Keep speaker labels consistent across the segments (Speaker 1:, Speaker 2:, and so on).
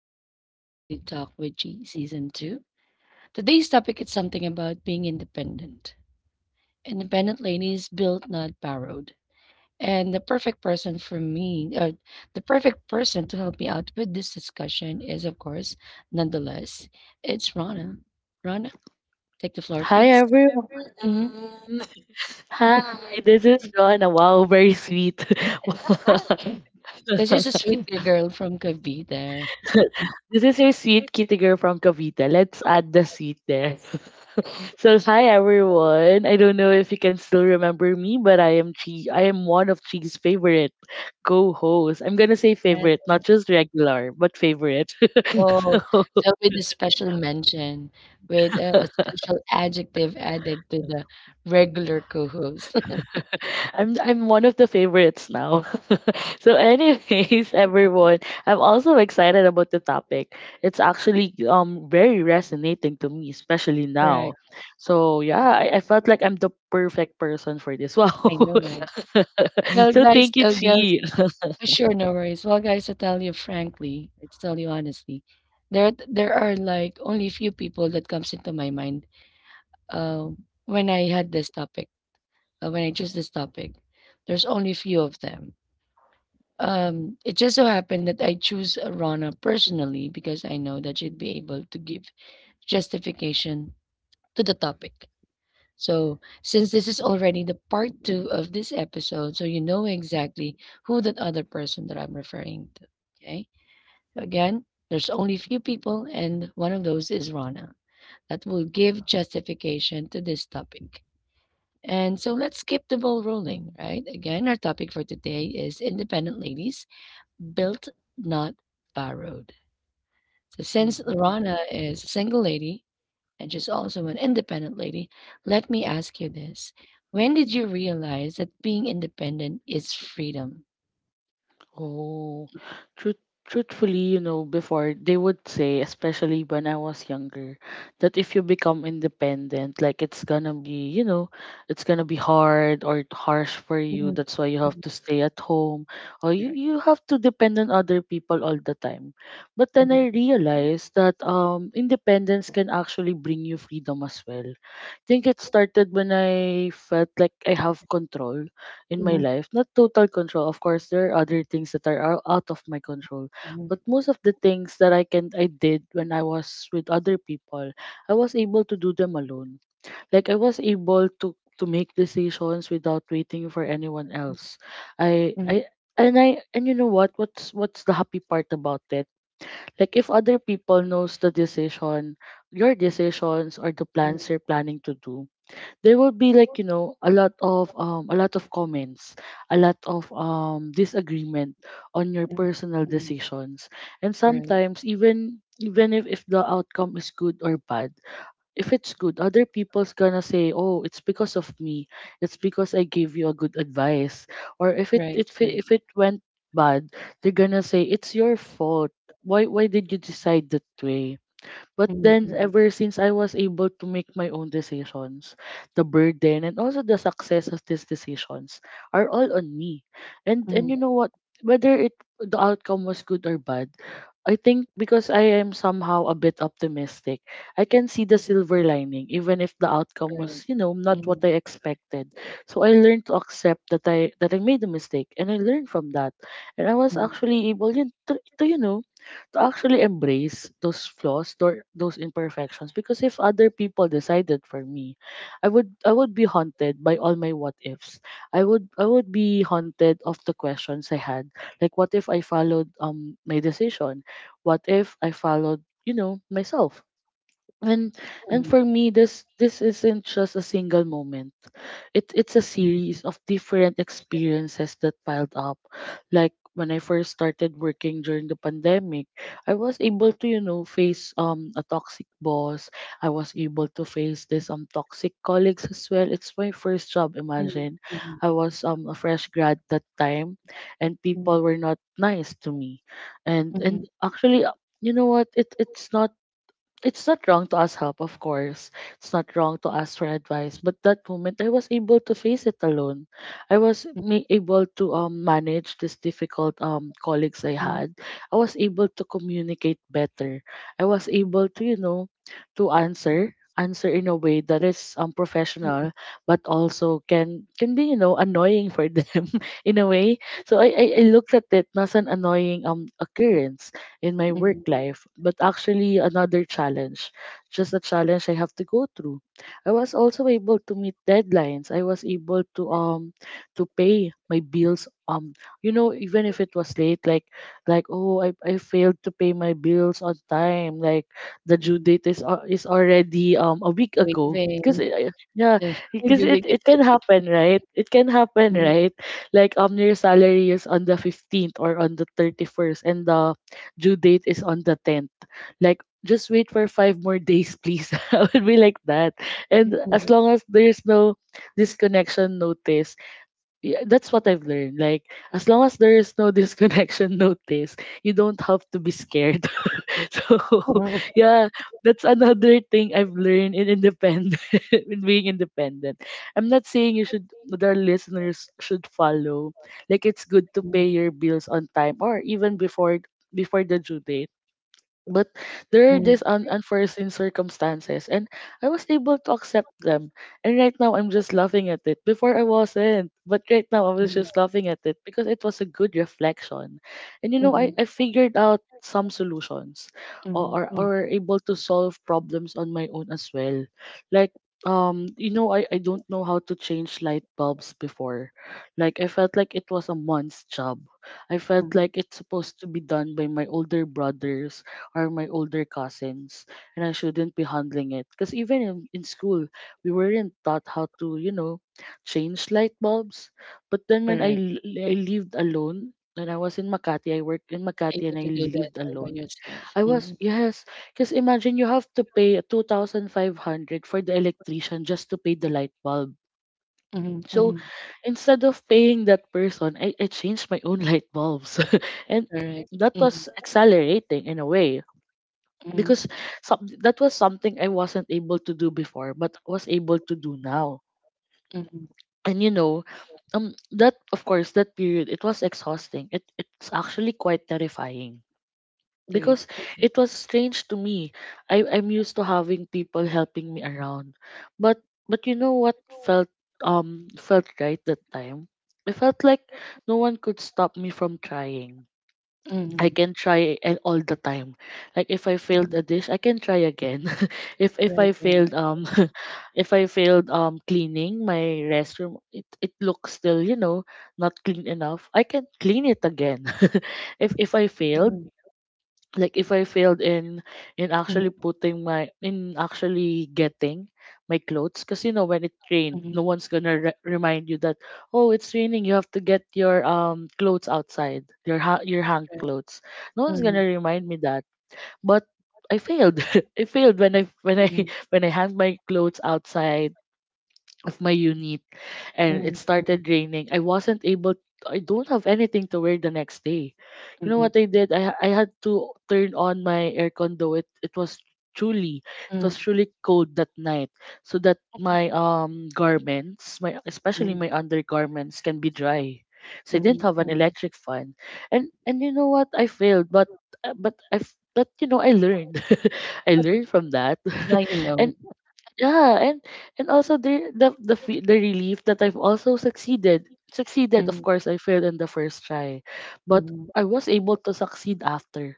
Speaker 1: and welcome to Daily Talk with G Season 2. Today's topic is something about being independent. Independent ladies built, not borrowed. And the perfect person for me, the perfect person to help me out with this discussion is, of course, nonetheless, it's Rana. Rana, take the floor,
Speaker 2: Hi
Speaker 1: please.
Speaker 2: everyone.
Speaker 1: hmm
Speaker 2: Hi, this is Rona. Wow, very sweet.
Speaker 1: Because just a sweet little girl from Cavite. There.
Speaker 2: This is your sweet kitty girl from Cavite. Let's add the sweet there. So hi everyone. I don't know if you can still remember me, but I am Chi. I am one of Chi's favorite co-hosts. I'm gonna say
Speaker 1: Yes.
Speaker 2: favorite, not just regular, but favorite.
Speaker 1: Oh,
Speaker 2: so,
Speaker 1: so with a special mention, with a special adjective added to the regular co-host.
Speaker 2: I'm one of the favorites now. So, anyways, everyone, I'm also excited about the topic. It's actually very resonating to me, especially now.
Speaker 1: Correct.
Speaker 2: So yeah, I felt like I'm the perfect person for this. Wow.
Speaker 1: I know, right? Well,
Speaker 2: So
Speaker 1: guys,
Speaker 2: thank you,
Speaker 1: girls,
Speaker 2: Chi.
Speaker 1: sure, no worries. Well, guys, to tell you frankly, I tell you honestly, there are like only few people that comes into my mind. When I had this topic, when I chose this topic, there's only few of them. It just so happened that I choose Rana personally because I know that she'd be able to give justification to the topic. So, since this is already the part two of this episode, so you know exactly who that other person that I'm referring to. Okay. So again, there's only few people, and one of those is Rana that will give justification to this topic. And so let's keep the ball rolling, right? Again, our topic for today is independent ladies built, not borrowed. So since
Speaker 2: Mhm.
Speaker 1: Rana is a single lady and she's also an independent lady, let me ask you this. When did you realize that being independent is freedom?
Speaker 2: Oh, truth, truthfully, you know, before they would say, especially when I was younger, that if you become independent, like it's gonna be, you know, it's gonna be hard or harsh for you. That's why you have to stay at home or you,
Speaker 1: Right.
Speaker 2: you have to depend on other people all the time. But then
Speaker 1: Mhm,
Speaker 2: I realized that independence can actually bring you freedom as well. I think it started when I felt like I have control in my life. Not total control. Of course, there are other things that are out of my control. But most of the things that I did when I was with other people, I was able to do them alone. Like I was able to make decisions without waiting for anyone else. I I I and you know what? What's the happy part about it? Like if other people knows the decision, your decisions or the plans you're planning to do, there will be like, you know, a lot of comments, a lot of disagreement on your
Speaker 1: mhm,
Speaker 2: personal
Speaker 1: mhm,
Speaker 2: decisions, and
Speaker 1: right.
Speaker 2: sometimes even if the outcome is good or bad. If it's good, other people's gonna say, oh, it's because of me, it's because I gave you a good advice. Or
Speaker 1: Right. Right.
Speaker 2: if it went bad, they're gonna say it's your fault. Why why did you decide that way? But
Speaker 1: Mhm,
Speaker 2: then,
Speaker 1: mhm,
Speaker 2: ever since I was able to make my own decisions, the burden and also the success of these decisions are all on me. And you
Speaker 1: mhm,
Speaker 2: know what? Whether it the outcome was good or bad, I think because I am somehow a bit optimistic, I can see the silver lining, even if the outcome was,
Speaker 1: right.
Speaker 2: you know, not what
Speaker 1: Mhm,
Speaker 2: I expected. So I learned to accept that I made a mistake, and I learned from that. And I was
Speaker 1: mhm,
Speaker 2: actually able yun, to you know to actually embrace those flaws, or those imperfections. Because if other people decided for me, I would be haunted by all my what ifs. I would be haunted of the questions I had, like what if I followed my decision, what if I followed, you know, myself? and and for me, this isn't just a single moment, it it's a series of different experiences that piled up. Like when I first started working during the pandemic, I was able to, you know, face a toxic boss. I was able to face this toxic colleagues as well. It's my first job,
Speaker 1: mhm,
Speaker 2: imagine.
Speaker 1: mhm,
Speaker 2: I was a fresh grad that time, and
Speaker 1: mhm,
Speaker 2: people were not nice to me.
Speaker 1: mhm,
Speaker 2: And actually You know what, it it's not, it's not wrong to ask help, of course. It's not wrong to ask for advice. But that moment, I was able to face it alone. I was able to manage this difficult colleagues I
Speaker 1: mhm,
Speaker 2: had. I was able to communicate better. I was able to, you know, to answer in a way that is professional but also can be, you know, annoying for them in a way. So I looked at it as an annoying occurrence in my work
Speaker 1: mhm,
Speaker 2: life, but actually another challenge, just a challenge I have to go through. I was also able to meet deadlines. I was able to pay my bills, you know, even if it was late. Like oh, I failed to pay my bills on time, like the due
Speaker 1: mhm,
Speaker 2: date is already a week ago, because
Speaker 1: waving.
Speaker 2: yeah,
Speaker 1: the-
Speaker 2: because
Speaker 1: do
Speaker 2: it can
Speaker 1: they-
Speaker 2: happen, right? It can happen,
Speaker 1: mhm,
Speaker 2: right? Like your salary is on the 15th or on the 31st and the due date is on the 10th. Like, just wait for five more days, please. I would be like that. And as
Speaker 1: mhm,
Speaker 2: long as there's no disconnection notice, yeah, that's what I've learned. Like, as long as there is no disconnection notice, you don't have to be scared. so, yeah, that's another thing I've learned in independent, in being independent. I'm not saying you should, that our listeners should follow. Like, it's good to pay
Speaker 1: mhm.
Speaker 2: your bills on time or even before, before the due date. But there are these unforeseen circumstances, and I was able to accept them. And right now I'm just laughing at it. Before I wasn't, but right now I was just laughing at it because it was a good reflection. And you know, I figured out some solutions, or, or able to solve problems on my own as well. Like you know, I don't know how to change light bulbs before. Like I felt like it was a month's job. I felt like it's supposed to be done by my older brother are my older cousins, and I shouldn't be handling it. Because even in school, we weren't taught how to, you know, change light bulbs. But then when
Speaker 1: Correct.
Speaker 2: I lived alone, when I was in Makati, I worked in Makati
Speaker 1: Able
Speaker 2: and I
Speaker 1: to do that
Speaker 2: lived
Speaker 1: all by
Speaker 2: alone.
Speaker 1: yourself.
Speaker 2: I was,
Speaker 1: Mhm,
Speaker 2: yes, because imagine you have to pay 2,500 for the electrician just to pay the light bulb.
Speaker 1: mhm,
Speaker 2: So
Speaker 1: mhm,
Speaker 2: instead of paying that person, I changed my own light bulbs. And that was accelerating in a way, because that was something I wasn't able to do before, but was able to do now.
Speaker 1: mhm,
Speaker 2: And you know, that, of course, that period it was exhausting. It it's actually quite terrifying
Speaker 1: right.
Speaker 2: because it was strange to me. I I'm used to having people helping me around, but but you know what felt felt right that time. I felt like no one could stop me from trying. I
Speaker 1: Mhm,
Speaker 2: can try all the time. Like if I failed a
Speaker 1: mhm,
Speaker 2: dish, I can try again. If I
Speaker 1: right, right.
Speaker 2: failed if I failed cleaning my restroom, it looks still, you know, not clean enough. I can clean it again. If I failed,
Speaker 1: Mhm,
Speaker 2: like if I failed in actually
Speaker 1: mhm,
Speaker 2: putting my in actually getting my clothes, because you know when it rained
Speaker 1: mhm,
Speaker 2: no one's gonna remind you that, oh, it's raining, you have to get your clothes outside, your your hang
Speaker 1: right.
Speaker 2: clothes. No one's gonna
Speaker 1: Mhm,
Speaker 2: remind me that. But I failed. I failed when I
Speaker 1: mhm,
Speaker 2: when I hung my clothes outside of my unit and it
Speaker 1: mhm,
Speaker 2: started
Speaker 1: mhm,
Speaker 2: raining. I wasn't able, I don't have anything to wear the next day. You know what
Speaker 1: mhm,
Speaker 2: I did? I had to turn on my aircon, though it was truly, it was
Speaker 1: mhm,
Speaker 2: truly cold that night, so that my garments, my especially my
Speaker 1: mhm,
Speaker 2: undergarments can be dry. So I didn't have an electric fan. And you know what, I failed, but but you know, I learned. I learned from that.
Speaker 1: now you
Speaker 2: And
Speaker 1: know.
Speaker 2: yeah, and also the the relief that I've also succeeded. Succeeded, of
Speaker 1: Mhm,
Speaker 2: course, I failed in the first try, but
Speaker 1: mhm,
Speaker 2: I was able to succeed after.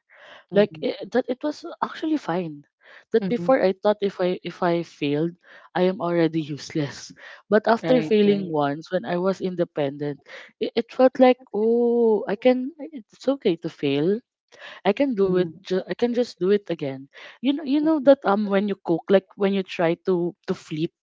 Speaker 2: Like
Speaker 1: mhm,
Speaker 2: it, that, it was actually fine. That before
Speaker 1: mhm,
Speaker 2: I thought if I failed, I am already useless. But after
Speaker 1: right,
Speaker 2: failing
Speaker 1: right.
Speaker 2: once, when I was independent, it felt like, oh, I can. It's okay to fail. I can do it.
Speaker 1: Mhm,
Speaker 2: I can just do it again. You know that when you cook, like when you try to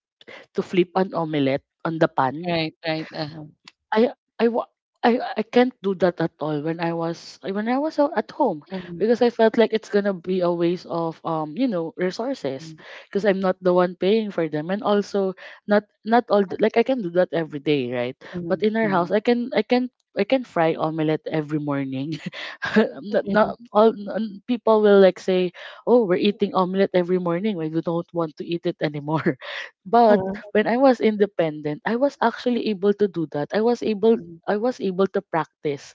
Speaker 2: to flip an omelette on the pan.
Speaker 1: right, right. Uh-huh.
Speaker 2: I wa- I can't do that at all when I was out at home,
Speaker 1: Mhm,
Speaker 2: because I felt like it's gonna be a waste of you know, resources,
Speaker 1: mhm,
Speaker 2: because I'm not the one paying for them, and also not all the, like I can do that every day, right? But
Speaker 1: mhm,
Speaker 2: in our house I
Speaker 1: mhm,
Speaker 2: can I can fry omelette every morning. Not,
Speaker 1: mhm,
Speaker 2: people will like say, "Oh, we're eating omelet every morning. Why we don't want to eat it anymore." But
Speaker 1: mhm,
Speaker 2: when I was independent, I was actually able to do that. I was able
Speaker 1: mhm,
Speaker 2: I was able to practice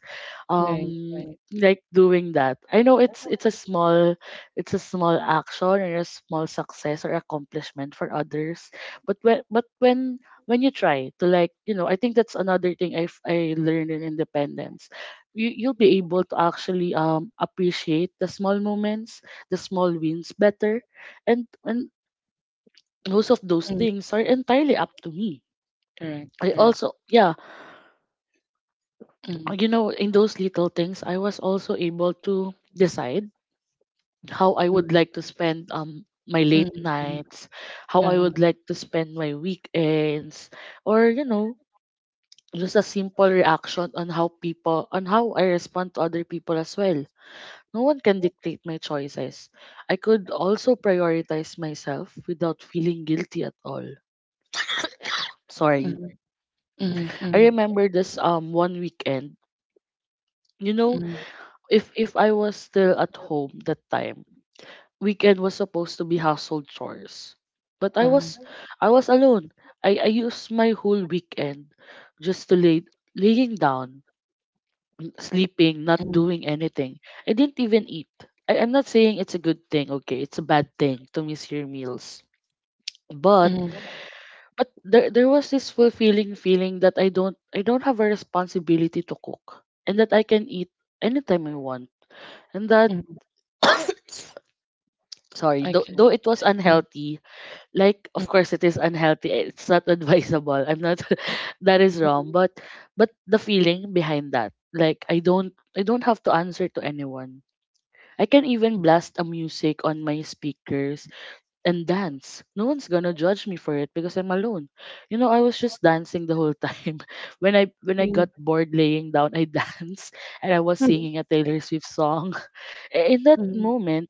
Speaker 1: right,
Speaker 2: um
Speaker 1: right.
Speaker 2: like doing that. I know it's a small action or a small success or accomplishment for others. But when you try to like, I think that's another thing I learned in independence. You'll be able to actually appreciate the small moments, the small wins better, and most of those
Speaker 1: Mhm,
Speaker 2: things are entirely up to me.
Speaker 1: correct.
Speaker 2: I also Yeah,
Speaker 1: Mhm,
Speaker 2: in those little things, I was also able to decide how I would like to
Speaker 1: mhm,
Speaker 2: spend my late
Speaker 1: mhm, mhm,
Speaker 2: nights, how I would
Speaker 1: uh-huh,
Speaker 2: like to spend my weekends, or just a simple reaction on how people on how I respond to other people as well. No one can dictate my choices. I could also prioritize myself without feeling guilty at all. Sorry.
Speaker 1: mhm, mhm,
Speaker 2: I
Speaker 1: mhm,
Speaker 2: remember this one weekend. You know,
Speaker 1: mhm,
Speaker 2: if I was still at home that time, weekend was supposed to be household chores. But I was
Speaker 1: uh-huh,
Speaker 2: I was alone. I used my whole weekend just to laying down, sleeping, not
Speaker 1: mhm,
Speaker 2: doing anything. I didn't even eat. I'm not saying it's a good thing, okay? It's a bad thing to miss your meals, but
Speaker 1: mhm,
Speaker 2: but there was this fulfilling feeling that I don't have a responsibility to cook, and that I can eat anytime I want, and that
Speaker 1: mhm.
Speaker 2: sorry,
Speaker 1: I
Speaker 2: though it was
Speaker 1: mm,
Speaker 2: unhealthy. Like, of
Speaker 1: mm,
Speaker 2: course it is unhealthy, eh, it's not advisable, I'm not that is wrong, but the feeling behind that, like I don't have to answer to anyone. I can even blast a music on my speakers and dance. No one's gonna judge me for it because I'm alone. I was just dancing the whole time. When I
Speaker 1: mm,
Speaker 2: got bored laying down, I danced, and I was
Speaker 1: mm,
Speaker 2: singing a Taylor Swift song. In that
Speaker 1: mm,
Speaker 2: moment,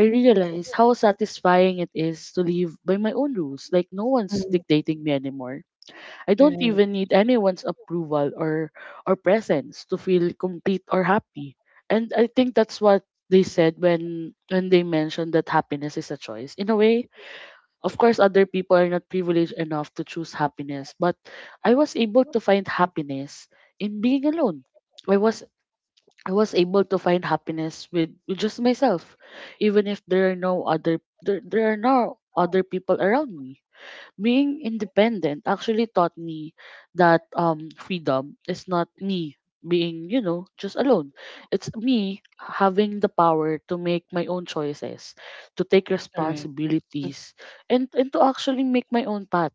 Speaker 2: I realized how satisfying it is to live by my own rules. Like, no one's
Speaker 1: mm.
Speaker 2: dictating me anymore. I don't
Speaker 1: Right,
Speaker 2: even need anyone's approval or presence to feel complete or happy. And I think that's what they said when they mentioned that happiness is a choice. In a way, of course, other people are not privileged enough to choose happiness, but I was able to find happiness in being alone. I was I was able to find happiness with just myself, even if there are no other people around me. Being independent actually taught me that freedom is not me being, just alone. It's me having the power to make my own choices, to take
Speaker 1: correct.
Speaker 2: responsibilities, and to actually make my own path.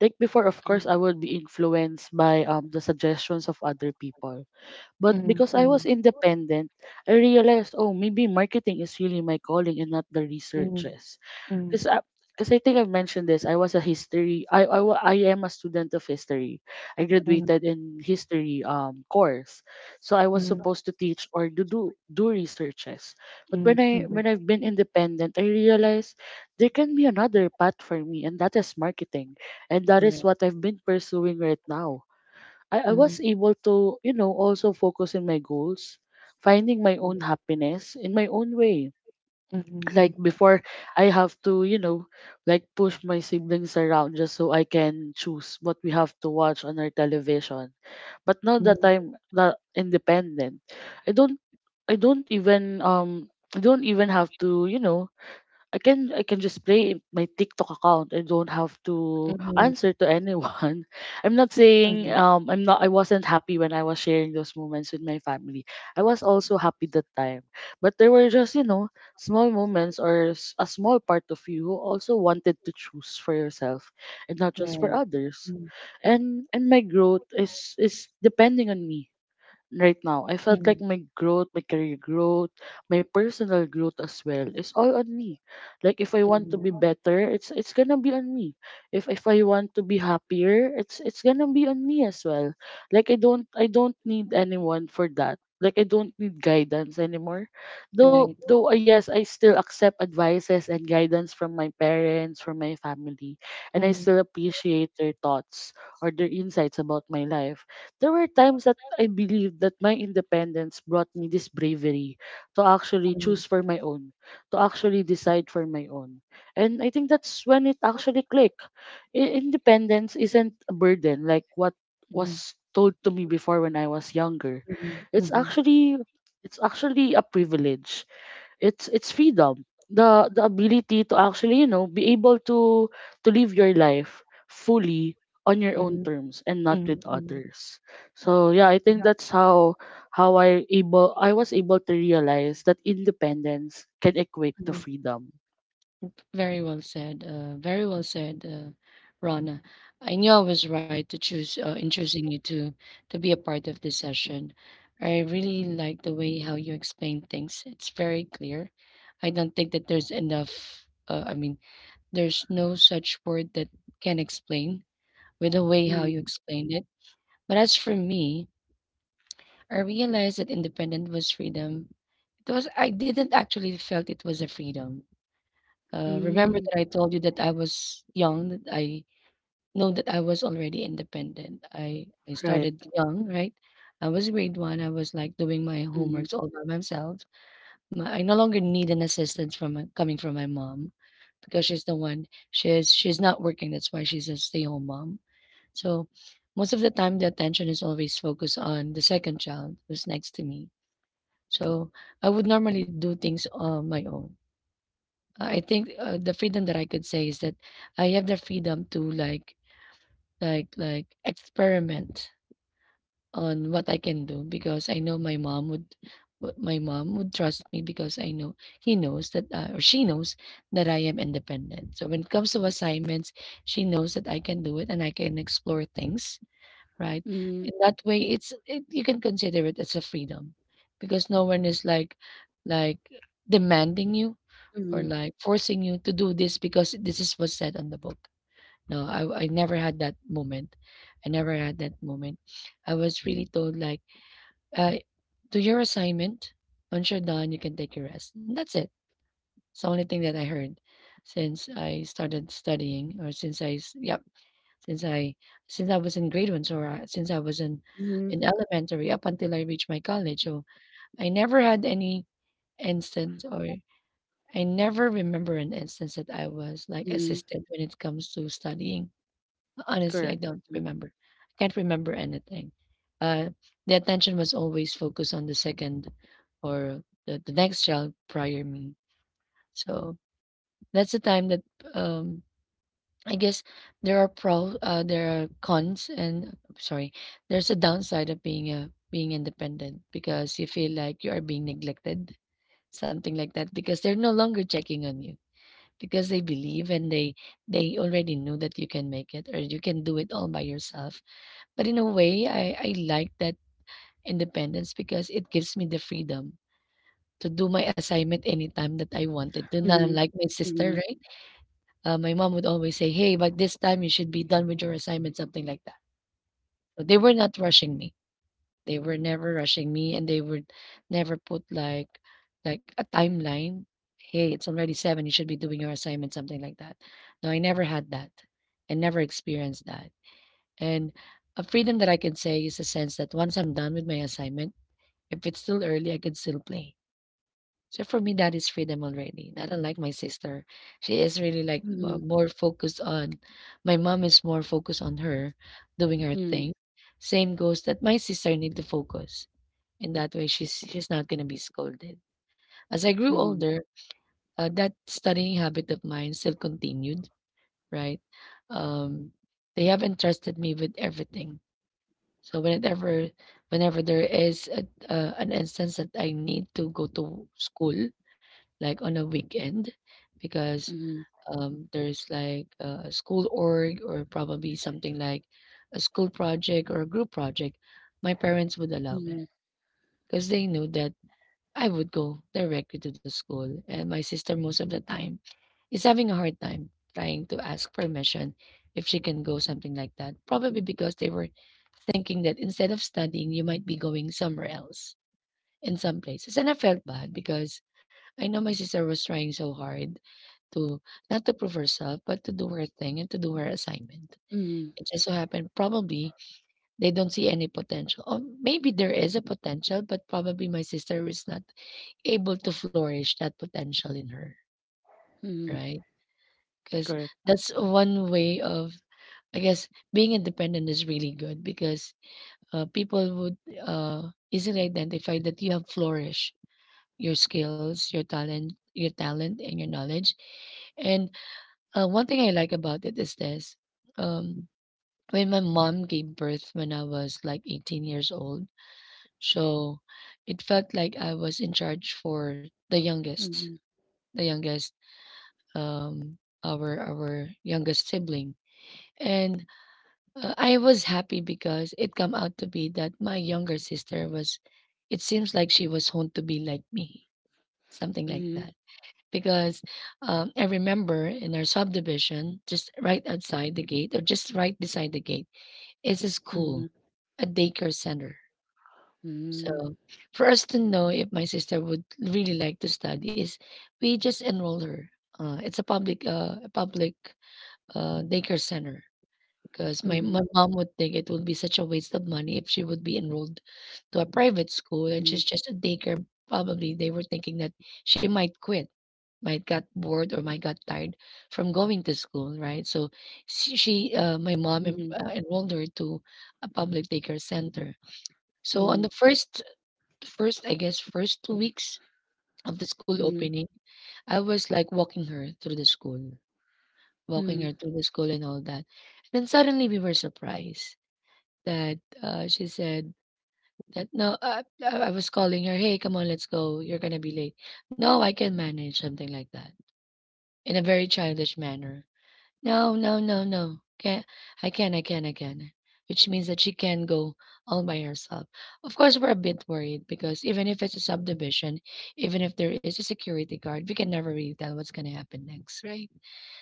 Speaker 2: Like before, of course, I would be influenced by the suggestions of other people, but
Speaker 1: Mm,
Speaker 2: because I
Speaker 1: mm,
Speaker 2: was independent, I realized, oh, maybe marketing is really my calling and not the
Speaker 1: mm,
Speaker 2: researches.
Speaker 1: mm,
Speaker 2: because I, Cause I think I've mentioned this. I was a history. I am a student of history. I
Speaker 1: mm,
Speaker 2: graduated in history course, so I
Speaker 1: mm,
Speaker 2: was
Speaker 1: mm,
Speaker 2: supposed to teach or do researches. But
Speaker 1: mm,
Speaker 2: when I
Speaker 1: mm,
Speaker 2: when I've been independent, I realized there can be another path for me, and that is marketing, and that is
Speaker 1: correct.
Speaker 2: what I've been pursuing right now. I
Speaker 1: Mm,
Speaker 2: was able to, also focus in my goals, finding my
Speaker 1: mm,
Speaker 2: own happiness in my own way. Like
Speaker 1: mhm,
Speaker 2: before, I have to, like push my siblings around just so I can choose what we have to watch on our television. But now that
Speaker 1: mhm,
Speaker 2: I'm not independent, I don't I don't even um I don't even have to, I can just play in my TikTok account and don't have
Speaker 1: mm,
Speaker 2: to
Speaker 1: mhm,
Speaker 2: answer to anyone.
Speaker 1: mhm,
Speaker 2: I wasn't happy when I was sharing those moments with my family. I was also happy that time. But there were just, small moments, or a small part of you who also wanted to choose for yourself and not just for
Speaker 1: right.
Speaker 2: others.
Speaker 1: Mm,
Speaker 2: And my growth is depending on me right now. I felt like
Speaker 1: mm,
Speaker 2: my growth, my career growth, my personal growth as well is all on me. Like, if I want to
Speaker 1: mhm,
Speaker 2: be better, it's gonna be on me. If I want to be happier, it's gonna be on me as well. Like, I don't need anyone for that. Like, I don't need guidance anymore. Though
Speaker 1: right.
Speaker 2: though yes, I still accept advices and guidance from my parents, from my family, and I
Speaker 1: Mm,
Speaker 2: still appreciate their thoughts or their insights about my life. There were times that. I believe that my independence brought me this bravery to actually
Speaker 1: mm,
Speaker 2: choose for my own, to actually decide for my own. And I think that's when it actually clicked. Independence isn't a burden like what
Speaker 1: mhm,
Speaker 2: was told to me before when I was younger. It's
Speaker 1: mhm,
Speaker 2: actually it's actually a privilege. It's freedom, the ability to actually, be able to live your life fully on your own
Speaker 1: mhm,
Speaker 2: terms and
Speaker 1: mhm,
Speaker 2: not
Speaker 1: mhm,
Speaker 2: with
Speaker 1: mhm,
Speaker 2: others. So yeah, I think
Speaker 1: mhm,
Speaker 2: that's how I was able to realize that independence can equate to
Speaker 1: mhm,
Speaker 2: freedom.
Speaker 1: very well said. Very well said, Rona. I knew I was right to choose in choosing you to be a part of this session. I really like the way how you explain things. It's very clear. I don't think that there's enough. I mean, there's no such word that can explain with the way how
Speaker 2: Mm,
Speaker 1: you explained it. But as for me, I realized that independent was freedom. It was I didn't actually felt it was a freedom. Remember
Speaker 2: mm,
Speaker 1: that I told you that I was young, that I know that I was already independent. I
Speaker 2: right.
Speaker 1: started young, right? I was grade one. I was like doing my
Speaker 2: Mm,
Speaker 1: homeworks all by myself. My, I no longer need an assistance from my, coming from my mom because she's the one she's not working. That's why she's a stay-home mom. So most of the time, the attention is always focused on the second child who's next to me. So I would normally do things on my own I think the freedom that I could say is that I have the freedom to like like experiment on what I can do because I know my mom would my mom would trust me because I know he knows that or she knows that I am independent. So when it comes to assignments, she knows that I can do it and I can explore things, right?
Speaker 2: mm,
Speaker 1: In that way you can consider it as a freedom because no one is like like demanding you or
Speaker 2: mm,
Speaker 1: like forcing you to do this because this is what's said on the book. No, I never had that moment. I never had that moment. I was really told like, uh, do your assignment. Once you're done, you can take your rest. And that's it. It's the only thing that I heard since I started studying or yep, since I, since I was in grade one or since I was
Speaker 2: mm,
Speaker 1: in elementary up until I reached my college. So I never had any instance or I never remember an instance that I was like
Speaker 2: mm,
Speaker 1: assisted when it comes to studying. Honestly, I
Speaker 2: correct.
Speaker 1: don't
Speaker 2: Mm,
Speaker 1: remember. I can't remember anything. Uh, the attention was always focused on the second or the next child prior me. So that's the time that um, I guess there are pro there are cons and sorry, there's a downside of being a being independent because you feel like you are being neglected, something like that, because they're no longer checking on you because they believe and they already knew that you can make it or you can do it all by yourself but in a way I like that independence because it gives me the freedom to do my assignment anytime that I wanted to not
Speaker 2: mm,
Speaker 1: unlike my sister,
Speaker 2: mm,
Speaker 1: right? My mom would always say hey but this time you should be done with your assignment something like that so they were not rushing me. They were never rushing me and they would never put like a timeline. Hey, it's already seven, you should be doing your assignment, something like that. No, I never had that. I never experienced that. And a freedom that I can say is a sense that once I'm done with my assignment, if it's still early, I can still play. So for me, that is freedom already. Not unlike my sister. She is really like
Speaker 2: mm,
Speaker 1: more focused on, my mom is more focused on her doing her
Speaker 2: mm,
Speaker 1: thing. Same goes that my sister need to focus. In that way, she's not gonna be scolded. As I grew
Speaker 2: mm,
Speaker 1: older, that studying habit of mine still continued, right? Um, they have entrusted me with everything. So whenever there is a, an instance that I need to go to school, like on a weekend, because
Speaker 2: mm,
Speaker 1: there's like a school org or probably something like a school project or a group project, my parents would allow me
Speaker 2: mm,
Speaker 1: because they knew that I would go directly to the school, and my sister most of the time is having a hard time trying to ask permission if she can go something like that. Probably because they were thinking that instead of studying, you might be going somewhere else in some places. And I felt bad because I know my sister was trying so hard to not to prove herself, but to do her thing and to do her assignment.
Speaker 2: mm,
Speaker 1: It just so happened probably they don't see any potential. Or maybe there is a potential, but probably my sister is not able to flourish that potential in her,
Speaker 2: mm,
Speaker 1: right? Because that's one way of, I guess, being independent is really good because people would uh, easily identify that you have flourished your skills, your talent, and your knowledge. And one thing I like about it is this. Um, when my mom gave birth when I was like 18 years old, so it felt like I was in charge for the youngest,
Speaker 2: correct.
Speaker 1: the youngest um, our youngest sibling. And I was happy because it come out to be that my younger sister was. It seems like she was honed to be like me, something like
Speaker 2: Mhm,
Speaker 1: that. Because I remember in our subdivision, just right outside the gate or just right beside the gate, is a
Speaker 2: mhm,
Speaker 1: school, a daycare center.
Speaker 2: mhm,
Speaker 1: So for us to know if my sister would really like to study is we just enroll her. It's a public daycare center because
Speaker 2: mhm,
Speaker 1: my mom would think it would be such a waste of money if she would be enrolled to a private school and
Speaker 2: mhm,
Speaker 1: she's just a daycare. Probably they were thinking that she might quit, might got bored or might got tired from going to school, right? So she my mom
Speaker 2: mhm,
Speaker 1: enrolled her to a public daycare center. So on
Speaker 2: mhm,
Speaker 1: the first I guess first 2 weeks of the school
Speaker 2: mhm, mhm,
Speaker 1: opening, I was like walking her through the school and all that. Then suddenly we were surprised that she said that no, I was calling her, hey, come on, let's go. You're gonna be late. No, I can manage something like that in a very childish manner. No, no, no, no. Can I can, I can. Which means that she can go all by herself. Of course, we're a bit worried because even if it's a subdivision, even if there is a security guard, we can never really tell what's gonna happen next, right?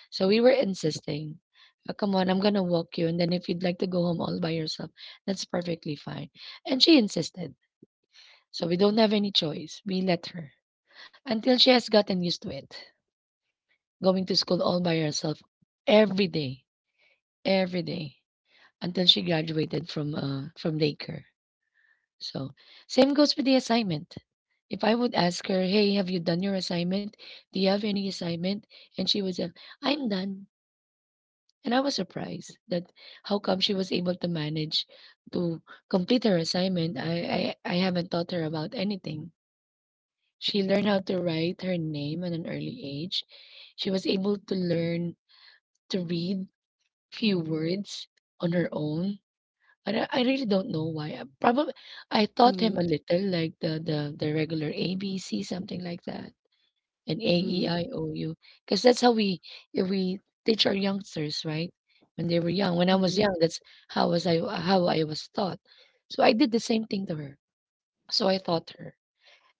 Speaker 1: So we were insisting, "Oh, come on, I'm gonna walk you, and then if you'd like to go home all by yourself, that's perfectly fine." And she insisted. So we don't have any choice. We let her until she has gotten used to it. Going to school all by herself every day, every day until she graduated from Laker. So same goes with the assignment. If I would ask her, "Hey, have you done your assignment? Do you have any assignment?" and she would say, "I'm done," and I was surprised that how come she was able to manage to complete her assignment. I haven't taught her about anything. She learned how to write her name at an early age. She was able to learn to read few words on her own. I really don't know why. Probably I
Speaker 2: mhm,
Speaker 1: taught
Speaker 2: mhm,
Speaker 1: him a little, like the regular ABC, something like that, and A E I O U, because that's how we teach our youngsters, right? When they were young, when I was
Speaker 2: mhm,
Speaker 1: young, that's how I was taught. So I did the same thing to her. So I taught her.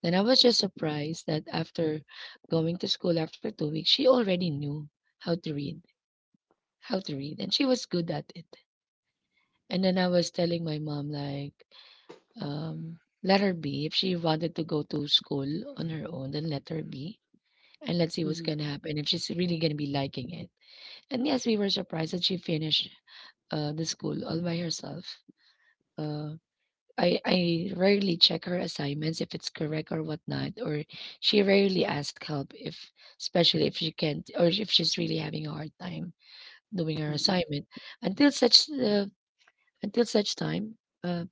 Speaker 1: Then I was just surprised that after going to school after 2 weeks, she already knew how to read, how to read, and she was good at it. And then I was telling my mom, like, let her be. If she wanted to go to school on her own, then let her be. And let's see
Speaker 2: mhm,
Speaker 1: what's
Speaker 2: mhm,
Speaker 1: gonna happen if she's really gonna be liking it. And yes, we were surprised that she finished the school all by herself. Uh, I rarely check her assignments if it's correct or whatnot, or she rarely asks help if, especially if she can't or if she's really having a hard time doing her
Speaker 2: mhm,
Speaker 1: assignment. Until such uh, until such time. uh,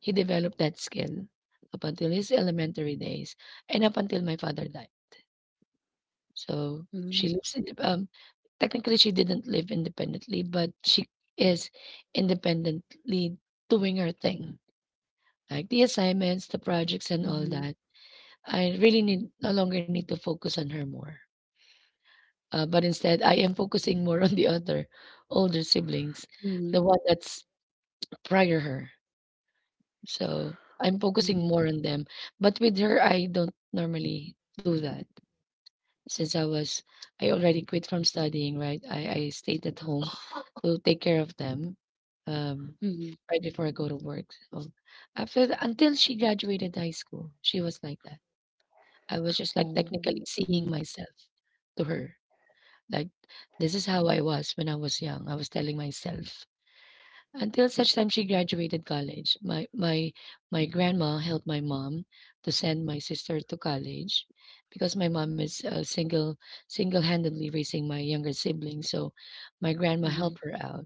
Speaker 1: He developed that skill up until his elementary days and up until my father died. So she lives in, technically, she didn't live independently, but she is independently doing her thing, like the assignments, the projects, and all
Speaker 2: mhm,
Speaker 1: that. I really need No longer need to focus on her more. But instead, I am focusing more on the other older siblings,
Speaker 2: mhm,
Speaker 1: the one that's prior her. So I'm focusing
Speaker 2: mhm,
Speaker 1: more on them. But with her, I don't normally do that since I already quit from studying. Right, I stayed at home to take care of them. Um,
Speaker 2: mhm.
Speaker 1: right before I go to work. So until she graduated high school, she was like that. I was just
Speaker 2: Oh,
Speaker 1: like
Speaker 2: mhm,
Speaker 1: technically seeing myself to her. Like, this is how I was when I was young. I was telling myself until such time she graduated college. My grandma helped my mom to send my sister to college because my mom is single-handedly raising my younger sibling. So my grandma
Speaker 2: mhm,
Speaker 1: helped her out.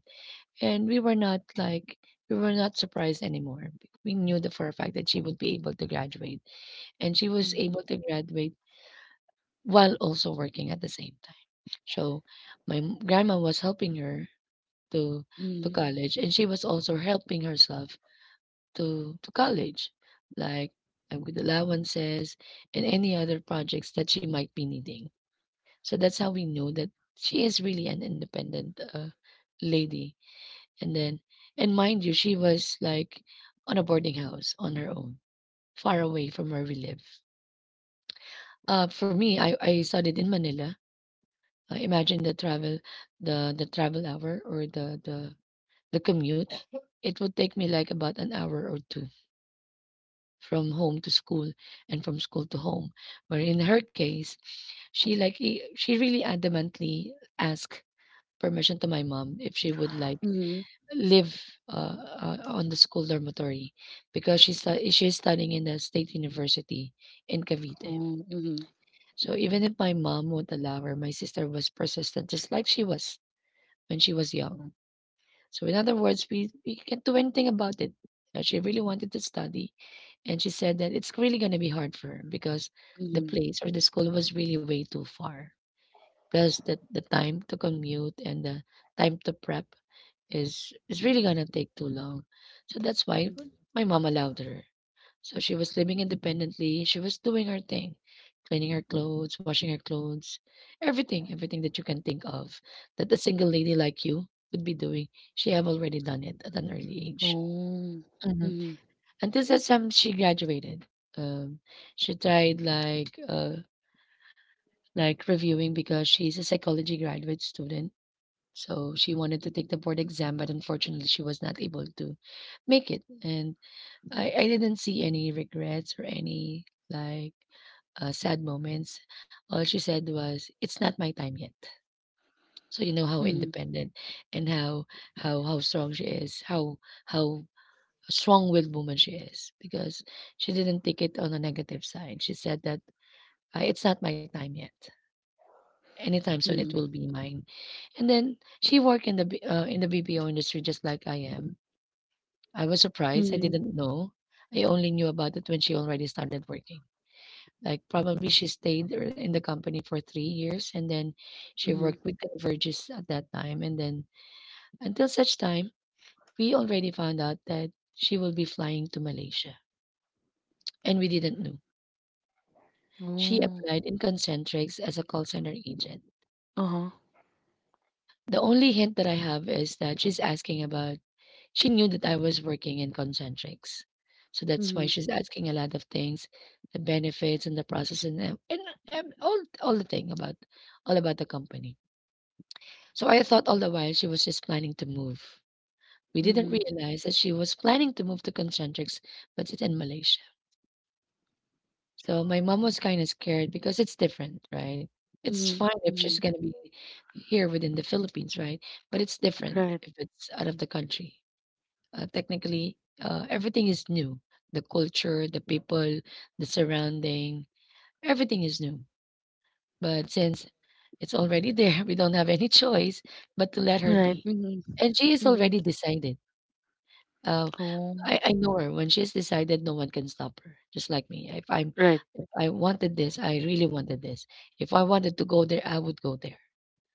Speaker 1: And we were not surprised anymore. We knew the for a fact that she would be able to graduate. And she was
Speaker 2: mhm,
Speaker 1: able to graduate while also working at the same time. So grandma was helping her to
Speaker 2: mhm,
Speaker 1: college, and she was also helping herself to college, like, with allowances and any other projects that she might be needing. So that's how we know that she is really an independent lady. And then, and mind you, she was like on a boarding house on her own, far away from where we live. For me, I studied in Manila. Imagine the travel, the travel hour, or the commute. It would take me like about an hour or two from home to school and from school to home. Where in her case, she really adamantly asked permission to my mom if she would like
Speaker 2: mhm.
Speaker 1: live uh, on the school dormitory because she's studying in the state university in Cavite.
Speaker 2: Oh, mhm,
Speaker 1: So even if my mom would allow her, my sister was persistent, just like she was when she was young. So in other words, we can't do anything about it. She really wanted to study, and she said that it's really going to be hard for her because the
Speaker 2: mhm,
Speaker 1: place or the school was really way too far. Plus, the time to commute and the time to prep is really going to take too long. So that's why
Speaker 2: mhm.
Speaker 1: my mom allowed her. So she was living independently, she was doing her thing, cleaning her clothes, washing her clothes, everything, everything that you can think of that a single lady like you would be doing. She have already done it at an early age.
Speaker 2: Oh,
Speaker 1: Mhm.
Speaker 2: mhm,
Speaker 1: Until such time she graduated. Um, she tried, like, like reviewing because she's a psychology graduate student. So she wanted to take the board exam, but unfortunately she was not able to make it. And I didn't see any regrets or any, like, sad moments. All she said was, "It's not my time yet." So you know how
Speaker 2: mhm,
Speaker 1: independent and how how strong she is, how how strong-willed woman she is, because she didn't take it on a negative side. She said that, It's not my time yet. Anytime soon it
Speaker 2: mhm,
Speaker 1: will be mine." And then she worked in the B in the BPO industry just like I am. I was surprised, I
Speaker 2: mhm,
Speaker 1: didn't know. I only knew about it when she already started working. Like probably she stayed or in the company for 3 years, and then she
Speaker 2: mhm.
Speaker 1: worked with Converges at that time. And then until such time, we already found out that she will be flying to Malaysia. And we didn't know. She
Speaker 2: Oh,
Speaker 1: applied in Concentrix as a call center agent.
Speaker 2: uh-huh.
Speaker 1: The only hint that I have is that she's asking about, she knew that I was working in Concentrix. So that's why
Speaker 2: Mhm,
Speaker 1: she's asking a lot of things, the benefits and the process, and, and all the thing about all about the company. So I thought all the while she was just planning to move. We didn't
Speaker 2: mhm,
Speaker 1: realize that she was planning to move to Concentrics, but it's in Malaysia. So my mom was kind of scared because it's different, right? It's
Speaker 2: mhm,
Speaker 1: fine if she's
Speaker 2: mhm.
Speaker 1: going to be here within the Philippines, right? But it's different
Speaker 2: Right,
Speaker 1: if it's out of the country. Technically, everything is new, the culture, the people, the surrounding, everything is new. But since it's already there, we don't have any choice but to let her
Speaker 2: right.
Speaker 1: be.
Speaker 2: Mhm,
Speaker 1: And she is already
Speaker 2: mhm.
Speaker 1: decided. Oh,
Speaker 2: Oh,
Speaker 1: I know her. When she's decided, no one can stop her, just like me.
Speaker 2: right.
Speaker 1: If I wanted this, I really wanted this. If I wanted to go there, I would go there.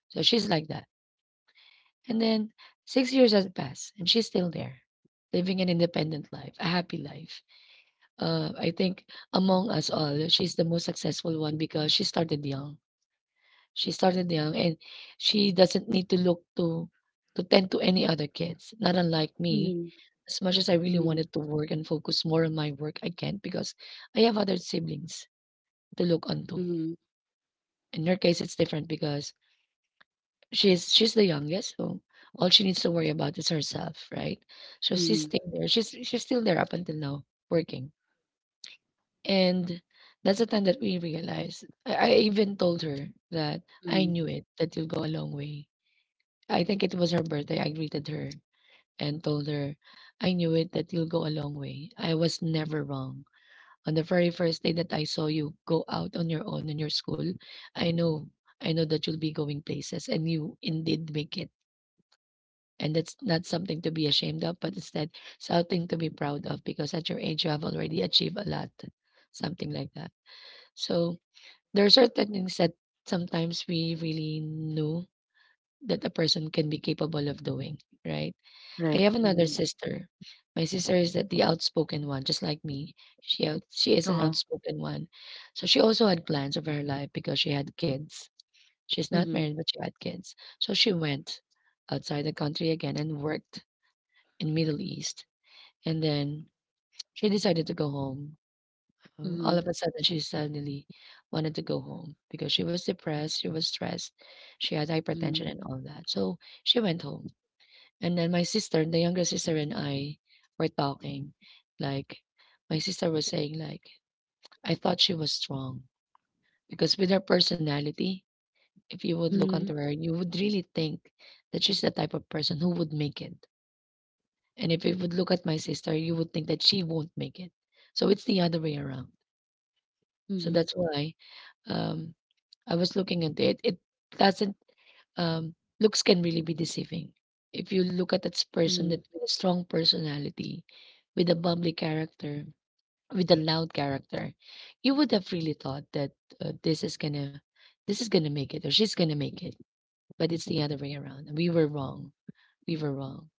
Speaker 1: So she's like that. And then 6 years has passed, and she's still there, living an independent life, a happy life. I think among us all, she's the most successful one because she started young, and she doesn't need to look to tend to any other kids, not unlike me.
Speaker 2: Mhm,
Speaker 1: As much as I really
Speaker 2: mhm.
Speaker 1: wanted to work and focus more on my work, I can't because I have other siblings to look onto.
Speaker 2: Mhm.
Speaker 1: In her case, it's different because she's the youngest, so all she needs to worry about is herself, right? So she's
Speaker 2: Mhm.
Speaker 1: staying there. She's still there up until now, working. And that's the time that we realized. I even told her that I
Speaker 2: Mhm.
Speaker 1: knew it, that you'll go a long way. I think it was her birthday. I greeted her and told her, I knew it that you'll go a long way. I was never wrong. On the very first day that I saw you go out on your own in your school, I know, I know that you'll be going places, and you indeed make it. And that's not something to be ashamed of, but instead something to be proud of because at your age you have already achieved a lot. Something like that. So there are certain things that sometimes we really know that a person can be capable of doing, right? I
Speaker 2: Right.
Speaker 1: have another
Speaker 2: Mhm.
Speaker 1: sister. My sister is the outspoken one, just like me. She is an
Speaker 2: Uh-huh.
Speaker 1: outspoken one. So she also had plans of her life because she had kids. She's not
Speaker 2: Mhm.
Speaker 1: married, but she had kids. So she went outside the country again and worked in Middle East. And then she decided to go home. All of
Speaker 2: Mhm.
Speaker 1: a sudden, she suddenly wanted to go home because she was depressed, she was stressed, she had hypertension
Speaker 2: Mhm.
Speaker 1: and all that. So she went home and then my sister, the younger sister and I were talking. Like my sister was saying like, "I thought she was strong because with her personality, if you would look onto her, you would really think that she's the type of person who would make it. And if you would look at my sister, you would think that she won't make it. So it's the other way around. So
Speaker 2: Mhm.
Speaker 1: that's why um, I was looking at it. It doesn't um, looks can really be deceiving. If you look at that person
Speaker 2: Mhm.
Speaker 1: that with a strong personality, with a bubbly character, with a loud character, you would have really thought that uh, this is gonna, this is gonna make it, or she's gonna make it. But it's the other way around. We were wrong. We were wrong.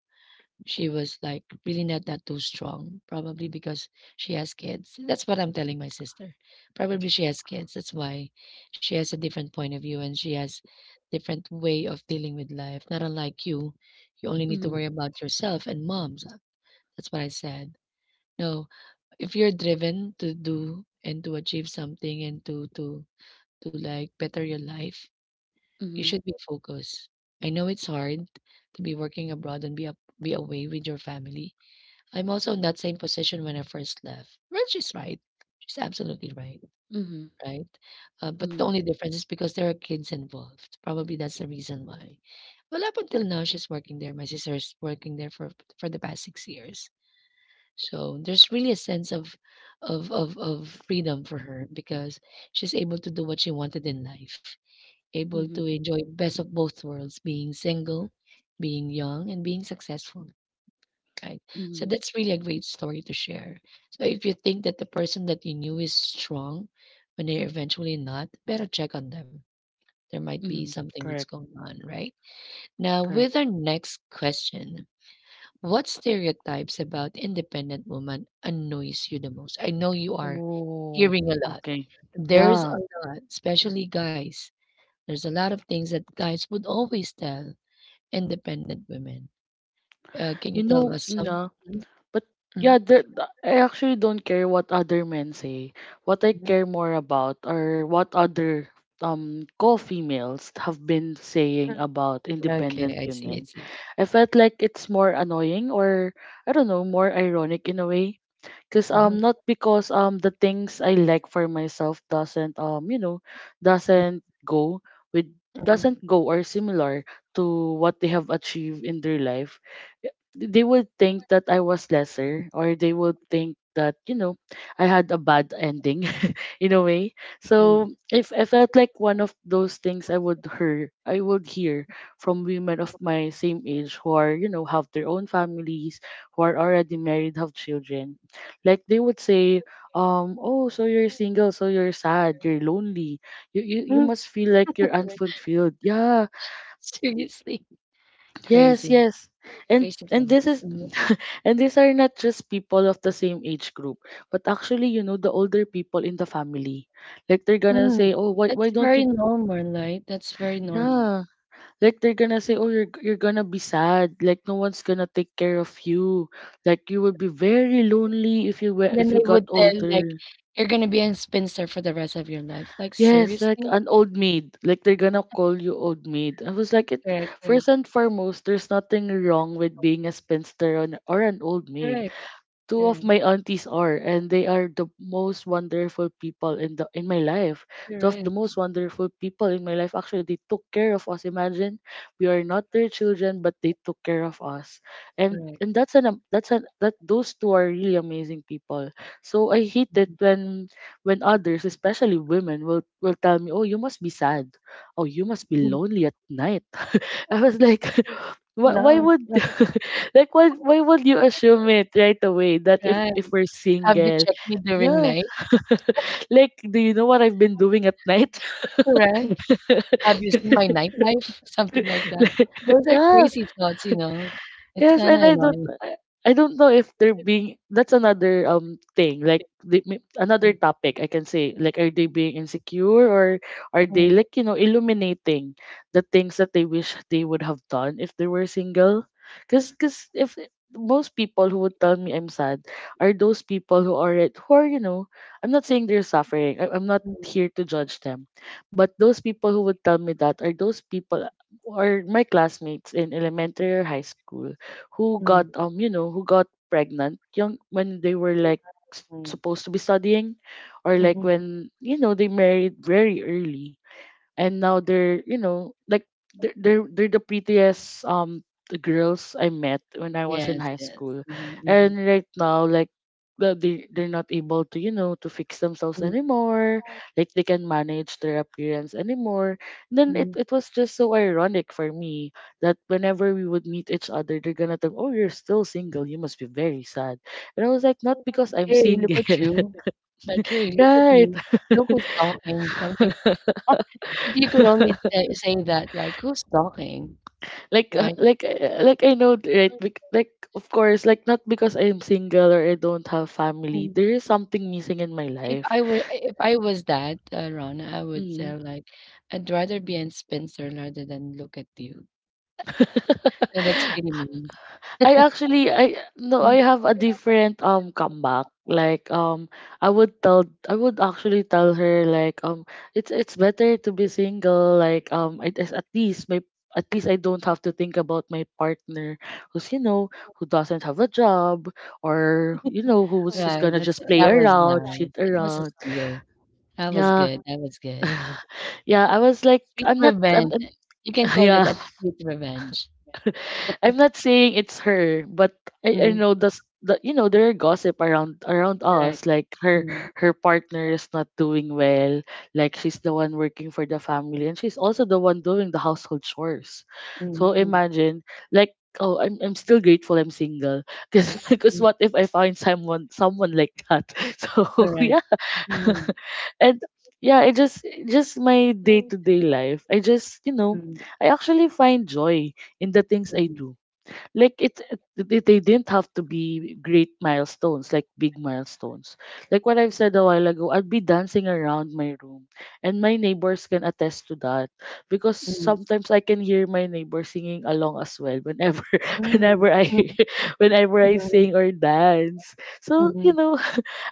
Speaker 1: She was like really not that too strong, probably because she has kids. That's what I'm telling my sister. Probably she has kids. That's why she has a different point of view and she has different way of dealing with life. Not unlike you. You only need to
Speaker 2: Mhm.
Speaker 1: worry about yourself and moms. That's what I said. No, if you're driven to do and to achieve something and to like better your life, you
Speaker 2: Mhm.
Speaker 1: should be focused. I know it's hard to be working abroad and be up, be away with your family, I'm also in that same position when I first left. Well, she's right. She's absolutely right,
Speaker 2: Mhm.
Speaker 1: right? But the
Speaker 2: Mhm.
Speaker 1: only difference is because there are kids involved. Probably that's the reason why. Well, up until now, she's working there. My sister's working there for the past 6 years. So there's really a sense of of freedom for her because she's able to do what she wanted in life,
Speaker 2: Mhm.
Speaker 1: able to
Speaker 2: Mhm.
Speaker 1: enjoy best of both worlds, being single, being young, and being successful. Right. So
Speaker 2: Mhm.
Speaker 1: that's really a great story to share. So if you think that the person that you knew is strong when they're eventually not, better check on them. There might be
Speaker 2: Mhm.
Speaker 1: something that's
Speaker 2: Correct.
Speaker 1: going on, right? Now,
Speaker 2: Correct.
Speaker 1: with our next question, what stereotypes about independent women annoys you the most? I know you are
Speaker 2: Oh,
Speaker 1: hearing a lot.
Speaker 2: okay.
Speaker 1: There's
Speaker 2: Yeah.
Speaker 1: a lot, especially guys. There's a lot of things that guys would always tell independent women. Can you
Speaker 2: You
Speaker 1: tell
Speaker 2: know,
Speaker 1: us some?
Speaker 2: yeah. But
Speaker 1: Mhm.
Speaker 2: yeah, I actually don't care what other men say. What I care more about are what other co-females have been saying about
Speaker 1: Okay,
Speaker 2: independent
Speaker 1: I see, I
Speaker 2: women.
Speaker 1: see.
Speaker 2: I felt like it's more annoying, or I don't know, more ironic in a way. Cause
Speaker 1: Mhm,
Speaker 2: Not because the things I like for myself doesn't,
Speaker 1: mhm,
Speaker 2: doesn't go with
Speaker 1: mhm,
Speaker 2: doesn't
Speaker 1: mhm.
Speaker 2: go, or similar to what they have achieved in their life. y- They would think that I was lesser, or they would think that, I had a bad ending in a way. So if I felt like one of those things I would hear, from women of my same age who are, have their own families, who are already married, have children. Like they would say, "Oh, so you're single, so you're sad, you're lonely. You must feel like you're unfulfilled." Yeah,
Speaker 1: Seriously,
Speaker 2: yes,
Speaker 1: crazy,
Speaker 2: yes. And
Speaker 1: crazy
Speaker 2: and this
Speaker 1: thoughts.
Speaker 2: is—
Speaker 1: Mhm,
Speaker 2: and these are not just people of the same age group, but actually, the older people in the family. Like they're gonna
Speaker 1: mm.
Speaker 2: say, "Oh, why
Speaker 1: That's
Speaker 2: don't
Speaker 1: very
Speaker 2: you—"
Speaker 1: normal, right? That's very normal.
Speaker 2: Yeah. Like they're gonna say, "Oh, you're gonna be sad. Like, no one's gonna take care of you. Like, you will be very lonely if you were
Speaker 1: And then
Speaker 2: if you
Speaker 1: they
Speaker 2: got
Speaker 1: would tell, like,
Speaker 2: older."
Speaker 1: "You're gonna be a spinster for the rest of your life." Like,
Speaker 2: Yes, like
Speaker 1: seriously?
Speaker 2: an old maid. Like they're gonna call you old maid. I was like, it
Speaker 1: Correct, correct,
Speaker 2: first and foremost, there's nothing wrong with being a spinster, on, or an old maid.
Speaker 1: correct,
Speaker 2: Two of
Speaker 1: correct,
Speaker 2: my aunties are, and they are the most wonderful people in the in my life, two of the
Speaker 1: correct,
Speaker 2: most wonderful people in my life. Actually, they took care of us. Imagine, we are not their children, but they took care of us, and
Speaker 1: correct.
Speaker 2: and that's an am- that's an that those two are really amazing people. So I hate it when others, especially women, will tell me, "Oh, you must be sad. Oh, you must be
Speaker 1: Mhm,
Speaker 2: lonely at night." I was like, why, why
Speaker 1: no.
Speaker 2: would why would you assume it right away that if
Speaker 1: Right.
Speaker 2: if we're
Speaker 1: "Have you
Speaker 2: single?
Speaker 1: checked me during
Speaker 2: Yeah.
Speaker 1: night?"
Speaker 2: Like, do you know what I've been doing at night?
Speaker 1: Correct. "Have you seen my nightlife?" Something like that.
Speaker 2: Like,
Speaker 1: Those are
Speaker 2: yeah.
Speaker 1: crazy thoughts, you know? It's
Speaker 2: Yes,
Speaker 1: kinda
Speaker 2: and
Speaker 1: annoying.
Speaker 2: I don't know if they're being that's another thing like the, may- another
Speaker 1: Mm,
Speaker 2: topic I can say, like, are they being insecure or are they,
Speaker 1: mm,
Speaker 2: like, you know, illuminating the things that they wish they would have done if they were single? Cuz if most people who would tell me I'm sad are those people who are at who are, you know, I'm not saying they're suffering. I'm not
Speaker 1: mm,
Speaker 2: here to judge them, but those people who would tell me that are those people or my classmates in elementary or high school who
Speaker 1: mm,
Speaker 2: got you know, who got pregnant young when they were like
Speaker 1: mm,
Speaker 2: supposed to be studying, or like
Speaker 1: mhm.
Speaker 2: when, you know, they married very early and now they're, you know, like they're the prettiest, um, the girls I met when I was in
Speaker 1: Yes,
Speaker 2: high
Speaker 1: yes.
Speaker 2: school,
Speaker 1: Mhm, mhm,
Speaker 2: and right now, like, they're not able to, you know, to fix themselves
Speaker 1: mm,
Speaker 2: anymore, like they can manage their appearance anymore. Then it,
Speaker 1: mm.
Speaker 2: it was just so ironic for me that whenever we would meet each other, they're gonna tell, "Oh, you're still single, you must be very sad." And I was like, not because I'm
Speaker 1: Hey, look
Speaker 2: single.
Speaker 1: at you. Like, hey, look at
Speaker 2: right.
Speaker 1: you. Look who's talking. Something. If you could only say, say that, like, who's talking, right?
Speaker 2: Like, I know, right? Like, of course, like, not because I'm single or I don't have family
Speaker 1: Mm.
Speaker 2: there is something missing in my
Speaker 1: If
Speaker 2: life.
Speaker 1: I were, if I was that, Ron, I would say
Speaker 2: Mm.
Speaker 1: like, I'd rather be in Spencer rather than look at you. So that's pretty mean.
Speaker 2: I actually I no I have a different, um, comeback. Like, um, I would actually tell her, like, um, it's better to be single. Like, um, it is at least my at least I don't have to think about my partner who's, you know, who doesn't have a job, or, you know, who's just
Speaker 1: Wow,
Speaker 2: gonna
Speaker 1: that's
Speaker 2: just play
Speaker 1: that was
Speaker 2: around,
Speaker 1: nice.
Speaker 2: cheat
Speaker 1: That was a
Speaker 2: around.
Speaker 1: steal. That was
Speaker 2: Yeah.
Speaker 1: good. That was good.
Speaker 2: yeah, I was like,
Speaker 1: Sweet revenge. You can
Speaker 2: I'm.
Speaker 1: call it
Speaker 2: yeah.
Speaker 1: that sweet revenge.
Speaker 2: I'm not saying it's her, but I
Speaker 1: Mm,
Speaker 2: know the, s- the you know, there are gossip around us,
Speaker 1: correct.
Speaker 2: like her.
Speaker 1: Mm,
Speaker 2: Her partner is not doing well, like she's the one working for the family and she's also the one doing the household chores.
Speaker 1: mm,
Speaker 2: So
Speaker 1: mm,
Speaker 2: imagine, like, oh, I'm still grateful I'm single because, because,
Speaker 1: mm,
Speaker 2: what if I find someone like that? So, yeah.
Speaker 1: correct. Mm,
Speaker 2: and yeah, it just my day-to-day life. I just, you know,
Speaker 1: mm,
Speaker 2: I actually find joy in the things I
Speaker 1: mm,
Speaker 2: do. Like they didn't have to be great milestones, like big milestones, like what I've said a while ago. I'd be dancing around my room and my neighbors can attest to that, because
Speaker 1: mm,
Speaker 2: sometimes I can hear my neighbor singing along as well, whenever,
Speaker 1: mm,
Speaker 2: whenever I,
Speaker 1: mm,
Speaker 2: whenever I sing or dance.
Speaker 1: mhm,
Speaker 2: So you
Speaker 1: mhm,
Speaker 2: know,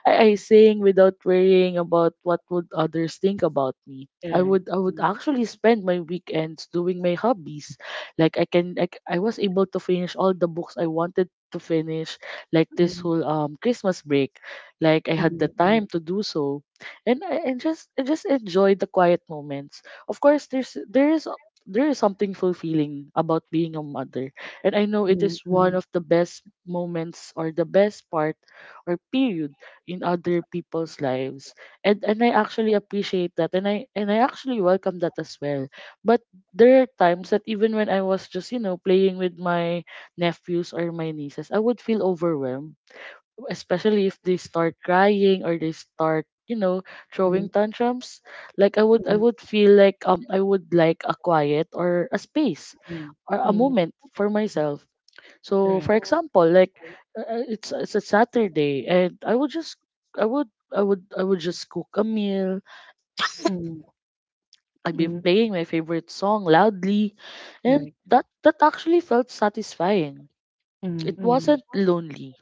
Speaker 2: I sang without worrying about what would others think about me.
Speaker 1: correct.
Speaker 2: I would actually spend my weekends doing my hobbies. Like I was able to finish all the books I wanted to finish, like this
Speaker 1: Mm,
Speaker 2: whole, um, Christmas break. Like I had the
Speaker 1: mm,
Speaker 2: time
Speaker 1: mhm,
Speaker 2: to do so. And I just enjoy the quiet moments. Of course there is something fulfilling about being a mother. And I know it
Speaker 1: mhm,
Speaker 2: is one
Speaker 1: mhm,
Speaker 2: of the best moments or the best part or period in other people's lives, and I actually appreciate that, and I actually welcome that as well. But there are times that even when I was just, you know, playing with my nephews or my nieces, I would feel overwhelmed, especially if they start crying or they start, you know,
Speaker 1: mhm,
Speaker 2: throwing
Speaker 1: mhm,
Speaker 2: tantrums. Like I
Speaker 1: mhm,
Speaker 2: would feel like, um, I would like a quiet or a space
Speaker 1: mhm,
Speaker 2: or a
Speaker 1: mhm,
Speaker 2: moment for myself. So for
Speaker 1: correct.
Speaker 2: example, like, it's a Saturday and I would, I would just cook a meal.
Speaker 1: Mm,
Speaker 2: I'd be
Speaker 1: mm,
Speaker 2: playing my favorite song loudly, and
Speaker 1: correct.
Speaker 2: that actually felt satisfying.
Speaker 1: Mm,
Speaker 2: It
Speaker 1: mm,
Speaker 2: wasn't lonely.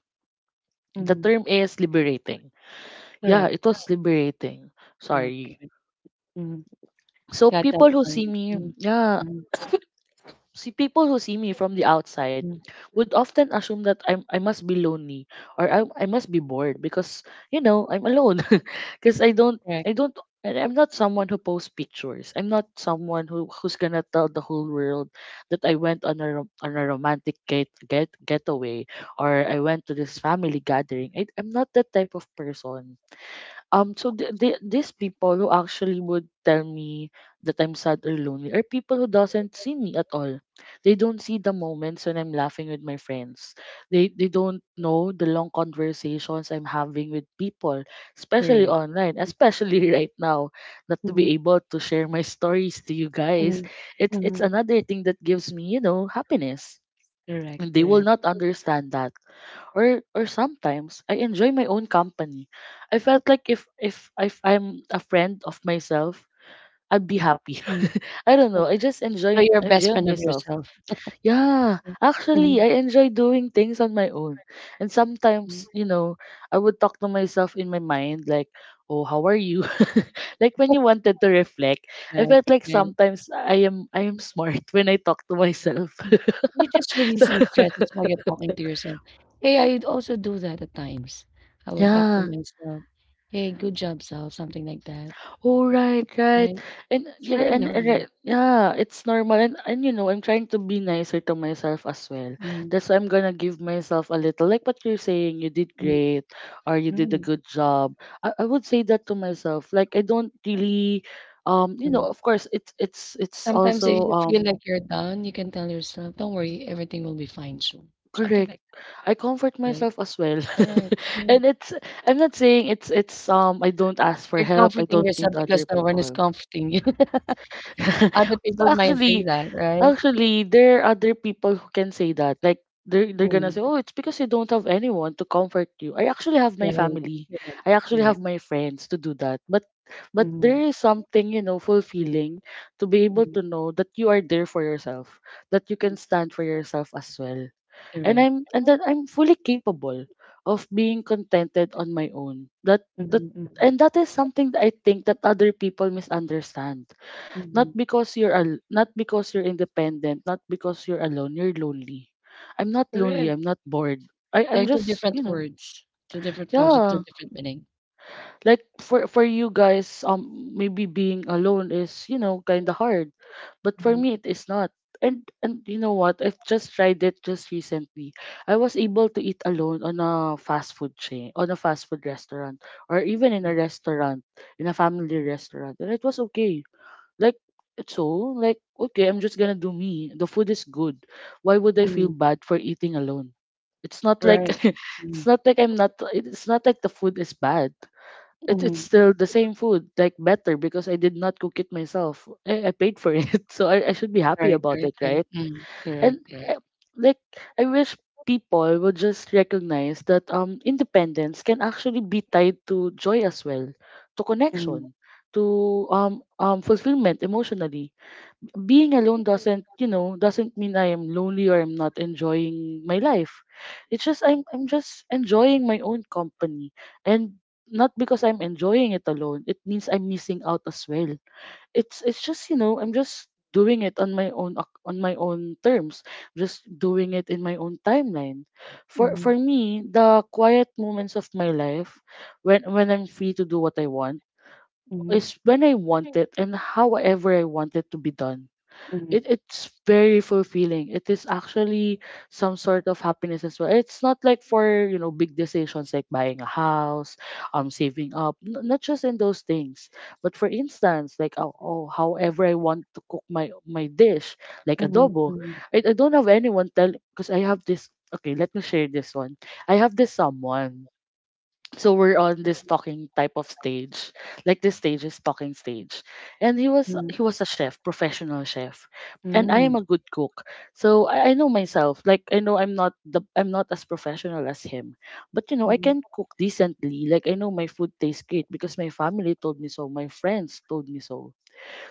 Speaker 2: The
Speaker 1: mm,
Speaker 2: term is liberating. Yeah, it
Speaker 1: correct.
Speaker 2: was liberating.
Speaker 1: Correct.
Speaker 2: Sorry.
Speaker 1: Correct. Mm,
Speaker 2: So
Speaker 1: got that
Speaker 2: people who see
Speaker 1: point.
Speaker 2: me,
Speaker 1: Mm,
Speaker 2: yeah,
Speaker 1: mm,
Speaker 2: see people who see me from the outside
Speaker 1: mm,
Speaker 2: would often assume that I must be lonely, or I must be bored because, you know, I'm alone, because
Speaker 1: correct.
Speaker 2: I don't. And I'm not someone who posts pictures. I'm not someone who's gonna tell the whole world that I went on a romantic getaway or I went to this family gathering. I'm not that type of person. So these people who actually would tell me that I'm sad or lonely are people who doesn't see me at all. They don't see the moments when I'm laughing with my friends. They don't know the long conversations I'm having with people, especially
Speaker 1: Correct.
Speaker 2: online, especially right now. That to
Speaker 1: Mm-hmm.
Speaker 2: be able to share my stories to you guys,
Speaker 1: Mhm,
Speaker 2: it's
Speaker 1: mhm.
Speaker 2: another thing that gives me, you know, happiness,
Speaker 1: Correct,
Speaker 2: and they will
Speaker 1: correct.
Speaker 2: not understand that. Or sometimes I enjoy my own company. I felt like if I'm a friend of myself, I'd be happy.
Speaker 1: Mm.
Speaker 2: I don't know. I just
Speaker 1: So you're a best
Speaker 2: enjoy
Speaker 1: friend of
Speaker 2: myself.
Speaker 1: yourself.
Speaker 2: Yeah, actually,
Speaker 1: Mhm,
Speaker 2: I enjoy doing things on my own. And
Speaker 1: mm.
Speaker 2: sometimes, you know, I would talk to myself in my mind, like, "Oh, how are you?" like when you wanted to reflect, I
Speaker 1: Right,
Speaker 2: felt like
Speaker 1: right.
Speaker 2: sometimes I am smart when I talk to myself.
Speaker 1: Mm. You're just
Speaker 2: so,
Speaker 1: releasing stress, that's why you're talking to yourself. Hey, I also do that at times. I will talk to
Speaker 2: yeah.
Speaker 1: myself. Hey, good job, self, something like that,
Speaker 2: Oh right, right.
Speaker 1: right?
Speaker 2: And
Speaker 1: It's
Speaker 2: yeah,
Speaker 1: very
Speaker 2: and right,
Speaker 1: normal.
Speaker 2: yeah, it's normal, and you know, I'm trying to be nicer to myself as well.
Speaker 1: Mm,
Speaker 2: That's why I'm gonna give myself a little, like what you're saying, you did
Speaker 1: mm,
Speaker 2: great, or you did a
Speaker 1: mm,
Speaker 2: good job. I would say that to myself. Like I don't really, um, you know,
Speaker 1: mm.
Speaker 2: of course it's
Speaker 1: Sometimes if
Speaker 2: also,
Speaker 1: you feel
Speaker 2: um,
Speaker 1: like you're down, you can tell yourself, don't worry, everything will be fine soon. Something
Speaker 2: correct.
Speaker 1: like
Speaker 2: I comfort
Speaker 1: that, right?
Speaker 2: myself as well.
Speaker 1: All right. Mm.
Speaker 2: and it's, I'm not saying it's, um, I don't ask for
Speaker 1: You're
Speaker 2: help, I
Speaker 1: comforting
Speaker 2: don't
Speaker 1: yourself
Speaker 2: need other
Speaker 1: because no one is
Speaker 2: people.
Speaker 1: comforting you. Other people might say
Speaker 2: actually,
Speaker 1: that, right?
Speaker 2: actually, there are other people who can say that. Like they're gonna
Speaker 1: Mm,
Speaker 2: say, "Oh, it's because you don't have anyone to comfort you." I actually have my
Speaker 1: right,
Speaker 2: family.
Speaker 1: right,
Speaker 2: I actually
Speaker 1: right,
Speaker 2: have my friends to do that. But there
Speaker 1: mhm,
Speaker 2: is something, you know, fulfilling to be able
Speaker 1: mhm,
Speaker 2: to know that you are there for yourself, that you can stand for yourself as well, and
Speaker 1: correct.
Speaker 2: I'm and that I'm fully capable of being contented on my own. That
Speaker 1: Mhm, mhm,
Speaker 2: and that is something that I think that other people misunderstand. Not
Speaker 1: mhm.
Speaker 2: because you're not because you're independent, not because you're alone, you're lonely. I'm not lonely,
Speaker 1: Correct.
Speaker 2: I'm not bored. I'm
Speaker 1: They're
Speaker 2: just, you know,
Speaker 1: two different words with two
Speaker 2: yeah.
Speaker 1: different meaning.
Speaker 2: Like for you guys, um, maybe being alone is, you know, kind of hard. But for
Speaker 1: Mhm,
Speaker 2: me it is not. And you know what? I've just tried it just recently. I was able to eat alone on a fast food chain, on a fast food restaurant, or even in a restaurant, in a family restaurant. And it was okay, like, so, like, okay, I'm just gonna do me. The food is good. Why would I feel
Speaker 1: mhm,
Speaker 2: bad for eating alone? It's not like,
Speaker 1: right.
Speaker 2: it's
Speaker 1: Mhm,
Speaker 2: not like I'm not it's not like the food is bad. It's
Speaker 1: mhm,
Speaker 2: still the same food, like better because I did not cook it myself. I paid for it, so I should be happy
Speaker 1: right,
Speaker 2: about
Speaker 1: right,
Speaker 2: it,
Speaker 1: right.
Speaker 2: right?
Speaker 1: Mm, correct,
Speaker 2: And,
Speaker 1: correct.
Speaker 2: eh, like, I wish people would just recognize that, um, independence can actually be tied to joy as well, to
Speaker 1: Mhm,
Speaker 2: connection, to, um, fulfillment emotionally. Being alone doesn't, you know, doesn't mean I am lonely or I'm not enjoying my life. It's just I'm just enjoying my own company. And not because I'm enjoying it alone it means I'm missing out as well. It's just, you know, I'm just doing it on my own, on my own terms, just doing it in my own timeline. For
Speaker 1: mhm,
Speaker 2: me, the quiet moments of my life, when I'm free to do what I want,
Speaker 1: mhm,
Speaker 2: is when I want it and however I want it to be done.
Speaker 1: mhm,
Speaker 2: It's very fulfilling. It is actually some sort of happiness as well. It's not like for, you know, big decisions like buying a house, saving up. Not just in those things, but for instance, like, oh, oh, however I want to cook my dish, like adobo.
Speaker 1: mhm,
Speaker 2: I don't have anyone tell, because I have this. Okay, let me share this one. I have this someone, so we're on this talking type of stage, like this stage is talking stage, and he was a chef, professional chef, and I am
Speaker 1: mhm,
Speaker 2: a good cook. So I know myself, like I know I'm not as professional as him, but you know I
Speaker 1: mhm,
Speaker 2: can cook decently. Like I know my food tastes good because my family told me so, my friends told me so.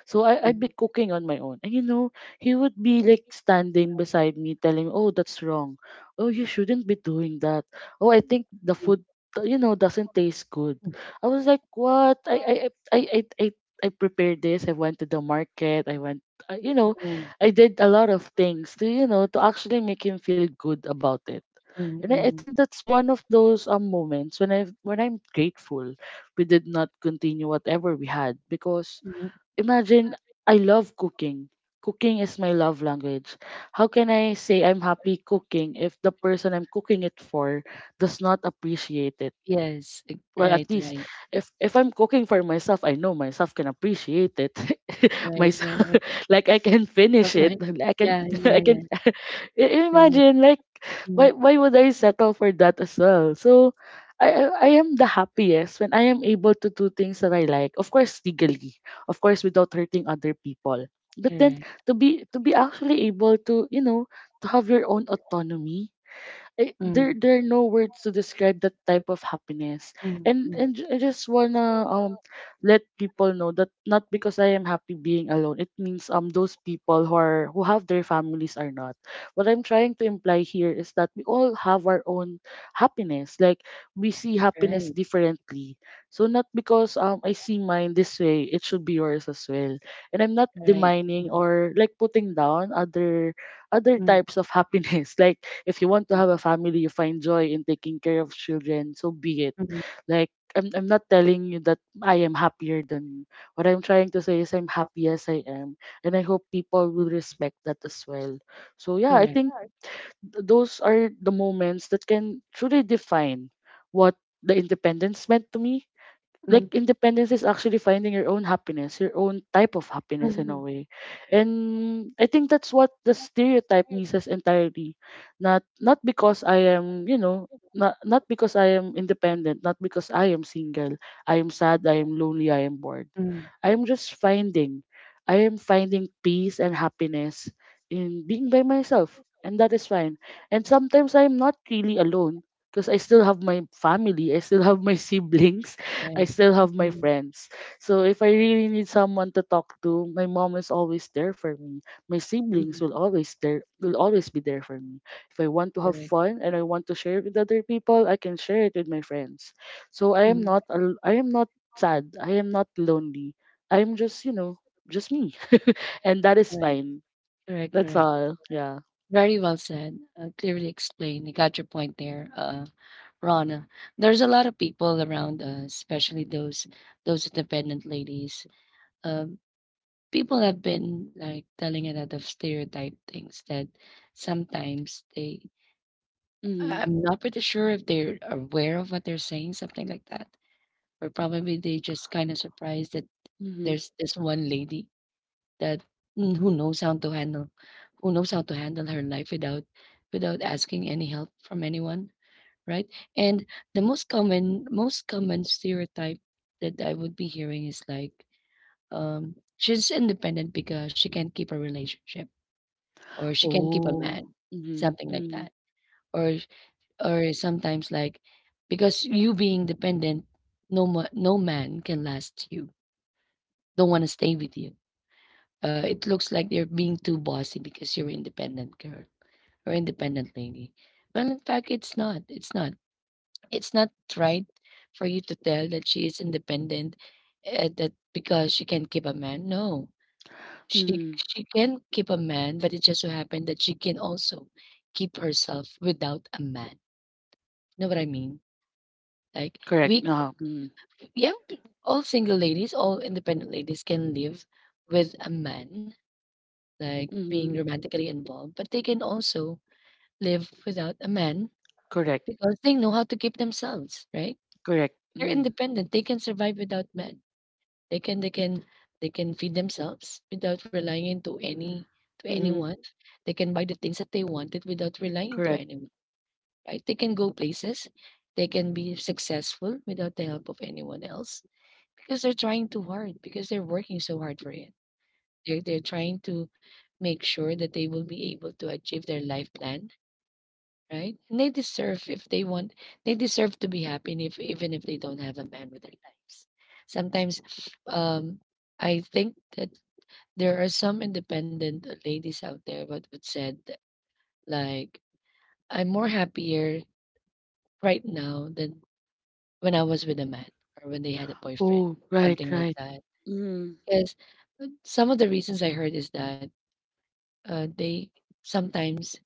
Speaker 2: So I'd be cooking on my own. And you know, he would be like standing beside me telling me, "Oh, that's wrong. Oh, you shouldn't be doing that. Oh, I think the food, you know, doesn't taste good." I was like, "What? I I I, I I prepared this. I went to the market. I went, uh, you
Speaker 1: mm,
Speaker 2: know,
Speaker 1: mm, mm,
Speaker 2: I did a lot of things to actually make him feel good about it."
Speaker 1: mm,
Speaker 2: And I
Speaker 1: mm,
Speaker 2: think that's one of those moments when I'm grateful we did not continue whatever we had. Because,
Speaker 1: mm.
Speaker 2: imagine, I love cooking. Cooking is my love language. How can I say I'm happy cooking if the person I'm cooking it for does not appreciate it?
Speaker 1: Yes, e
Speaker 2: Well, at
Speaker 1: right,
Speaker 2: least,
Speaker 1: right,
Speaker 2: if I'm cooking for myself, I know myself can appreciate it.
Speaker 1: right,
Speaker 2: Myself,
Speaker 1: right.
Speaker 2: like, I can
Speaker 1: So
Speaker 2: finish it.
Speaker 1: right.
Speaker 2: Like, I can
Speaker 1: Yeah,
Speaker 2: I
Speaker 1: yeah, yeah.
Speaker 2: can
Speaker 1: Right.
Speaker 2: imagine, like,
Speaker 1: Mm,
Speaker 2: why would I settle for that as well? So I am the happiest when I am able to do things that I like. Of course, legally. Of course, without hurting other people. But then,
Speaker 1: correct.
Speaker 2: to be actually able to have your own autonomy. I, there
Speaker 1: Mm,
Speaker 2: there are no words to describe that type of happiness.
Speaker 1: mm,
Speaker 2: And
Speaker 1: mm,
Speaker 2: and I just wanna let people know that, not because I am happy being alone, it means those people who are who have their families are not. What I'm trying to imply here is that we all have our own happiness. Like, we see happiness
Speaker 1: mm,
Speaker 2: differently. So, not because I see mine this way, it should be yours as well. And I'm not
Speaker 1: right.
Speaker 2: demining
Speaker 1: Mm,
Speaker 2: or, like, putting down other
Speaker 1: mm,
Speaker 2: types of happiness. Like, if you want to have a family, you find joy in taking care of children, so be it.
Speaker 1: mm.
Speaker 2: Like, I'm not telling you that I am happier than you. What I'm trying to say is I'm happy as I am. And I hope people will respect that as well. So, yeah, I
Speaker 1: Correct.
Speaker 2: think those are the moments that can truly define what the independence meant to me. Like,
Speaker 1: Mm,
Speaker 2: independence is actually finding your own happiness, your own type of
Speaker 1: mm,
Speaker 2: happiness in a
Speaker 1: mm,
Speaker 2: way. And I think that's what the stereotype misses entirely. Not because I am, not because I am independent, not because I am single, I am sad, I am lonely, I am bored.
Speaker 1: mm,
Speaker 2: I'm just finding, I am finding peace and happiness in being by myself, and that is fine. And sometimes I'm not really alone, because I still have my family, I still have my siblings, I still have my friends. So, if I really need someone to talk to, my mom is always there for me. My siblings
Speaker 1: mm.
Speaker 2: will always be there for me. If I want to have
Speaker 1: Correct.
Speaker 2: fun and I want to share it with other people, I can share it with my friends. So, I am not sad. I am not lonely. I'm just, just me. And that is fine.
Speaker 1: Correct,
Speaker 2: That's
Speaker 1: correct.
Speaker 2: all. Yeah.
Speaker 1: Very well said. Clearly explained. I got your point there. Rana. There's a lot of people around us, especially those independent ladies. Um, people have been like telling a lot of stereotype things that sometimes they
Speaker 2: Mm-hmm.
Speaker 1: I- I'm not pretty sure if they're aware of what they're saying, something like that. Or probably they just kind of surprised that
Speaker 2: Mm-hmm.
Speaker 1: there's this one lady that who knows how to handle her life without without asking any help from anyone, right? And the most common stereotype that I would be hearing is like, she's independent because she can't keep a relationship or she can't keep a
Speaker 2: Oh.
Speaker 1: man,
Speaker 2: Mm-hmm.
Speaker 1: something like
Speaker 2: Mm-hmm.
Speaker 1: that. Or or sometimes like because you being dependent, no ma- no man can last you. Don't want to stay with you. It looks like you're being too bossy because you're an independent girl or independent lady. Well, in fact, it's not. It's not. It's not right for you to tell that she is independent, that because she can keep a man. No, she
Speaker 2: Mm-hmm.
Speaker 1: she can keep a man, but it just so happened that she can also keep herself without a man. Know what I mean? Like
Speaker 2: Correct.
Speaker 1: we,
Speaker 2: Mm-hmm.
Speaker 1: yeah, all single ladies, all independent ladies can live with a man, like being
Speaker 2: Mm-hmm.
Speaker 1: romantically involved, but they can also live without a man
Speaker 2: Correct.
Speaker 1: because they know how to keep themselves, right?
Speaker 2: Correct.
Speaker 1: They're
Speaker 2: Mm-hmm.
Speaker 1: independent. They can survive without men. They can they can they can feed themselves without relying into any to
Speaker 2: Mm-hmm.
Speaker 1: anyone. They can buy the things that they wanted without relying to
Speaker 2: Correct.
Speaker 1: anyone, right? They can go places. They can be successful without the help of anyone else because they're trying too hard, because they're working so hard for it. They're trying to make sure that they will be able to achieve their life plan, right? And they deserve if they want, they deserve to be happy, and if even if they don't have a man with their lives. Sometimes, um, I think that there are some independent ladies out there what would said that, like I'm more happier right now than when I was with a man or when they had a boyfriend,
Speaker 2: Oh, right,
Speaker 1: something like
Speaker 2: right.
Speaker 1: that.
Speaker 2: Mm-hmm.
Speaker 1: Because some of the reasons I heard is that they sometimes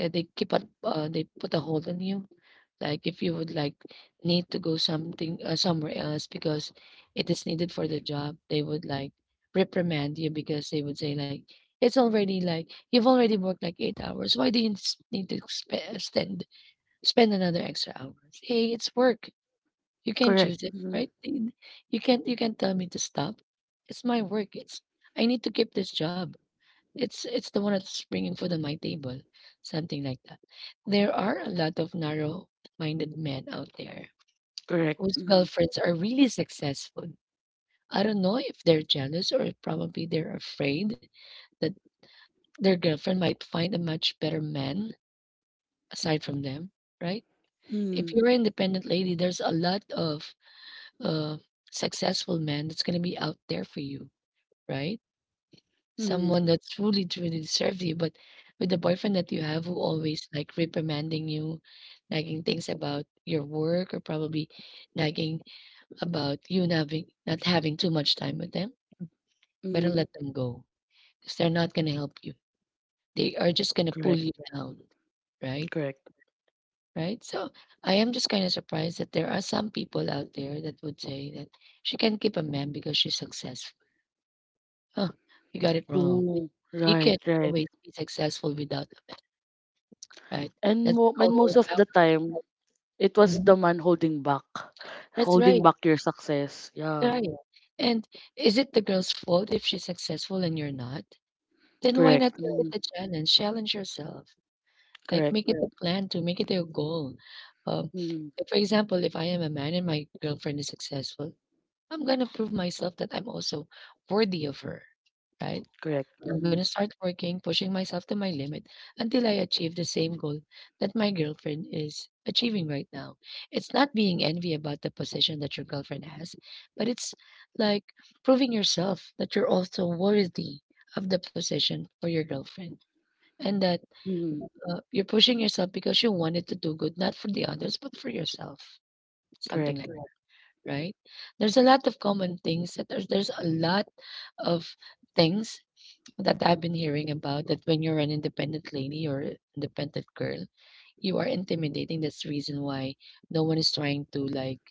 Speaker 1: they keep up, they put a hold on you like if you would like need to go something somewhere else because it is needed for the job, they would like reprimand you because they would say like it's already like you've already worked like 8 hours, why do you need to spend another extra hours? Hey, it's work, you can
Speaker 2: Correct.
Speaker 1: choose it,
Speaker 2: Mm-hmm.
Speaker 1: right? You can't tell me to stop, it's my work, it's I need to keep this job, it's the one that's bringing food on my table, something like that. There are a lot of narrow-minded men out there
Speaker 2: Correct.
Speaker 1: whose
Speaker 2: Mm-hmm.
Speaker 1: girlfriends are really successful. I don't know if they're jealous or if probably they're afraid that their girlfriend might find a much better man aside from them, right? If
Speaker 2: Mm-hmm.
Speaker 1: you're an independent lady, there's a lot of uh, successful men that's going to be out there for you, right?
Speaker 2: Mm-hmm.
Speaker 1: Someone that truly, truly deserved you, but with the boyfriend that you have who always like reprimanding you, nagging things about your work or probably nagging about you not having too much time with them, better
Speaker 2: Mm-hmm.
Speaker 1: let them go. Because they're not gonna help you. They are just gonna pull
Speaker 2: Correct.
Speaker 1: you down, right?
Speaker 2: Correct.
Speaker 1: Right? So I am just kind of surprised that there are some people out there that would say that she can keep a man because she's successful. Huh, you got it wrong.
Speaker 2: Oh,
Speaker 1: She can
Speaker 2: right, right.
Speaker 1: always be successful without, right.
Speaker 2: And
Speaker 1: That's
Speaker 2: mo-
Speaker 1: called,
Speaker 2: and
Speaker 1: oh,
Speaker 2: most of the
Speaker 1: power.
Speaker 2: time, it was
Speaker 1: Mhm.
Speaker 2: the man
Speaker 1: That's
Speaker 2: holding
Speaker 1: right.
Speaker 2: back your success. Yeah.
Speaker 1: That's right. Right. And is it the girl's fault if she's successful and you're not? Then why
Speaker 2: Correct.
Speaker 1: not make it
Speaker 2: Mm,
Speaker 1: a challenge? Challenge yourself. Like
Speaker 2: correct.
Speaker 1: make it, yeah, a plan to make it your goal. Um,
Speaker 2: Mm,
Speaker 1: if, for example, if I am a man and my girlfriend is successful, I'm gonna prove myself that I'm also worthy of her, right?
Speaker 2: correct.
Speaker 1: I'm gonna
Speaker 2: Mm,
Speaker 1: start working, pushing myself to my limit until I achieve the same goal that my girlfriend is achieving right now. It's not being envy about the position that your girlfriend has, but it's like proving yourself that you're also worthy of the position for your girlfriend and that
Speaker 2: mm,
Speaker 1: you're pushing yourself because you wanted to do good, not for the others, but for yourself. Something
Speaker 2: correct.
Speaker 1: like right? There's a lot of common things that there's a lot of things that I've been hearing about that when you're an independent lady or independent girl, you are intimidating. That's the reason why no one is trying to like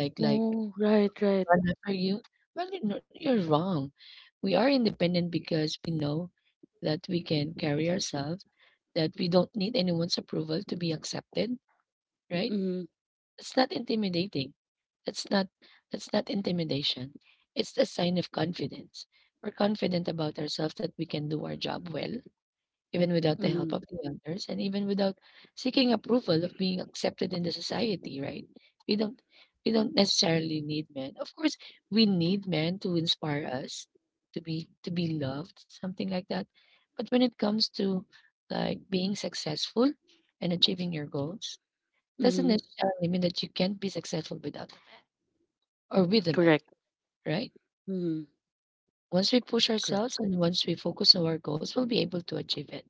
Speaker 1: like
Speaker 2: Oh, right, right.
Speaker 1: run after you. Well, you're, not- you're wrong. We are independent because we know that we can carry ourselves, that we don't need anyone's approval to be accepted, right?
Speaker 2: Mm,
Speaker 1: It's not intimidating. That's not that's not intimidation. It's a sign of confidence. We're confident about ourselves that we can do our job well, even without the help
Speaker 2: mm,
Speaker 1: of the others, and even without seeking approval of being accepted in the society, right? We don't we don't necessarily need men. Of course, we need men to inspire us, to be loved, something like that. But when it comes to like being successful and achieving your goals, doesn't
Speaker 2: mm,
Speaker 1: necessarily mean that you can't be successful without or with a
Speaker 2: correct.
Speaker 1: right?
Speaker 2: Mm,
Speaker 1: Once we push
Speaker 2: correct.
Speaker 1: ourselves and once we focus on our goals, we'll be able to achieve it,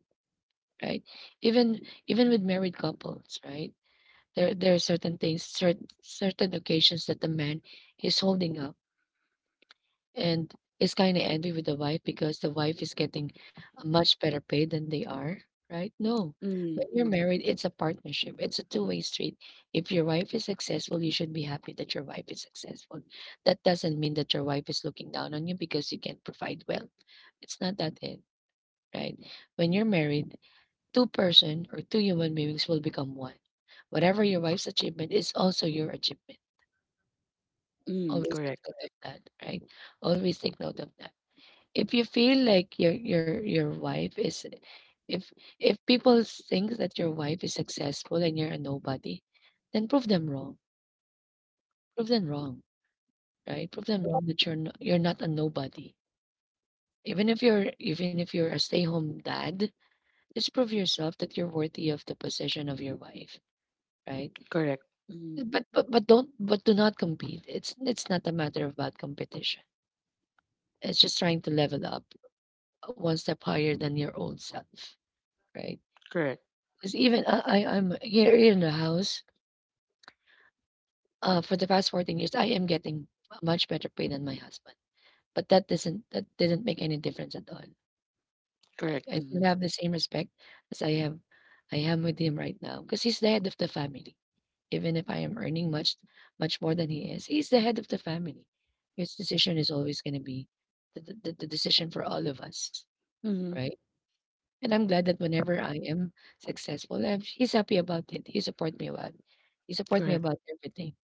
Speaker 1: right? Even even with married couples, right? There are certain things, certain occasions that the man is holding up and is kind of angry with the wife because the wife is getting much better paid than they are, right? No.
Speaker 2: Mm,
Speaker 1: When you're married, it's a partnership. It's a two-way street. If your wife is successful, you should be happy that your wife is successful. That doesn't mean that your wife is looking down on you because you can't provide well. It's not that it, right? When you're married, two person or two human beings will become one. Whatever your wife's achievement is also your achievement.
Speaker 2: mm,
Speaker 1: Always take
Speaker 2: correct.
Speaker 1: note of that, right? Always take note of that if you feel like your wife is if if people think that your wife is successful and you're a nobody, then prove them wrong. Prove them wrong, right? Prove them wrong that you're not a nobody. Even if you're a stay-home dad, just prove yourself that you're worthy of the possession of your wife, right?
Speaker 2: Correct. Mm,
Speaker 1: But do not compete. It's not a matter about competition. It's just trying to level up one step higher than your old self, right?
Speaker 2: correct.
Speaker 1: 'Cause even I'm here in the house, for the past 14 years, I am getting a much better pay than my husband, but that didn't make any difference at all. I
Speaker 2: Correct.
Speaker 1: I still
Speaker 2: Mm,
Speaker 1: have the same respect as I have I am with him right now. Cause he's the head of the family. Even if I am earning much more than he is, he's the head of the family. His decision is always gonna be the decision for all of us,
Speaker 2: mm,
Speaker 1: right? And I'm glad that whenever I am successful, he's happy about it. He support me
Speaker 2: correct.
Speaker 1: about everything.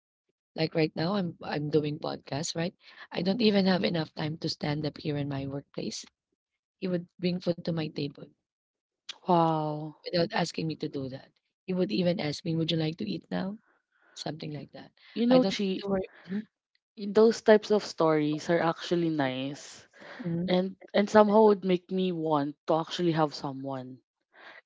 Speaker 1: Like right now, I'm doing podcast, right? I don't even have enough time to stand up here in my workplace. He would bring food to my table
Speaker 2: Wow.
Speaker 1: without asking me to do that. He would even ask me, "Would you like to eat now?" Something like that. I don't need
Speaker 2: Chi,
Speaker 1: to worry. Mhm,
Speaker 2: those types of stories are actually nice.
Speaker 1: mhm,
Speaker 2: And somehow would make me want to actually have someone.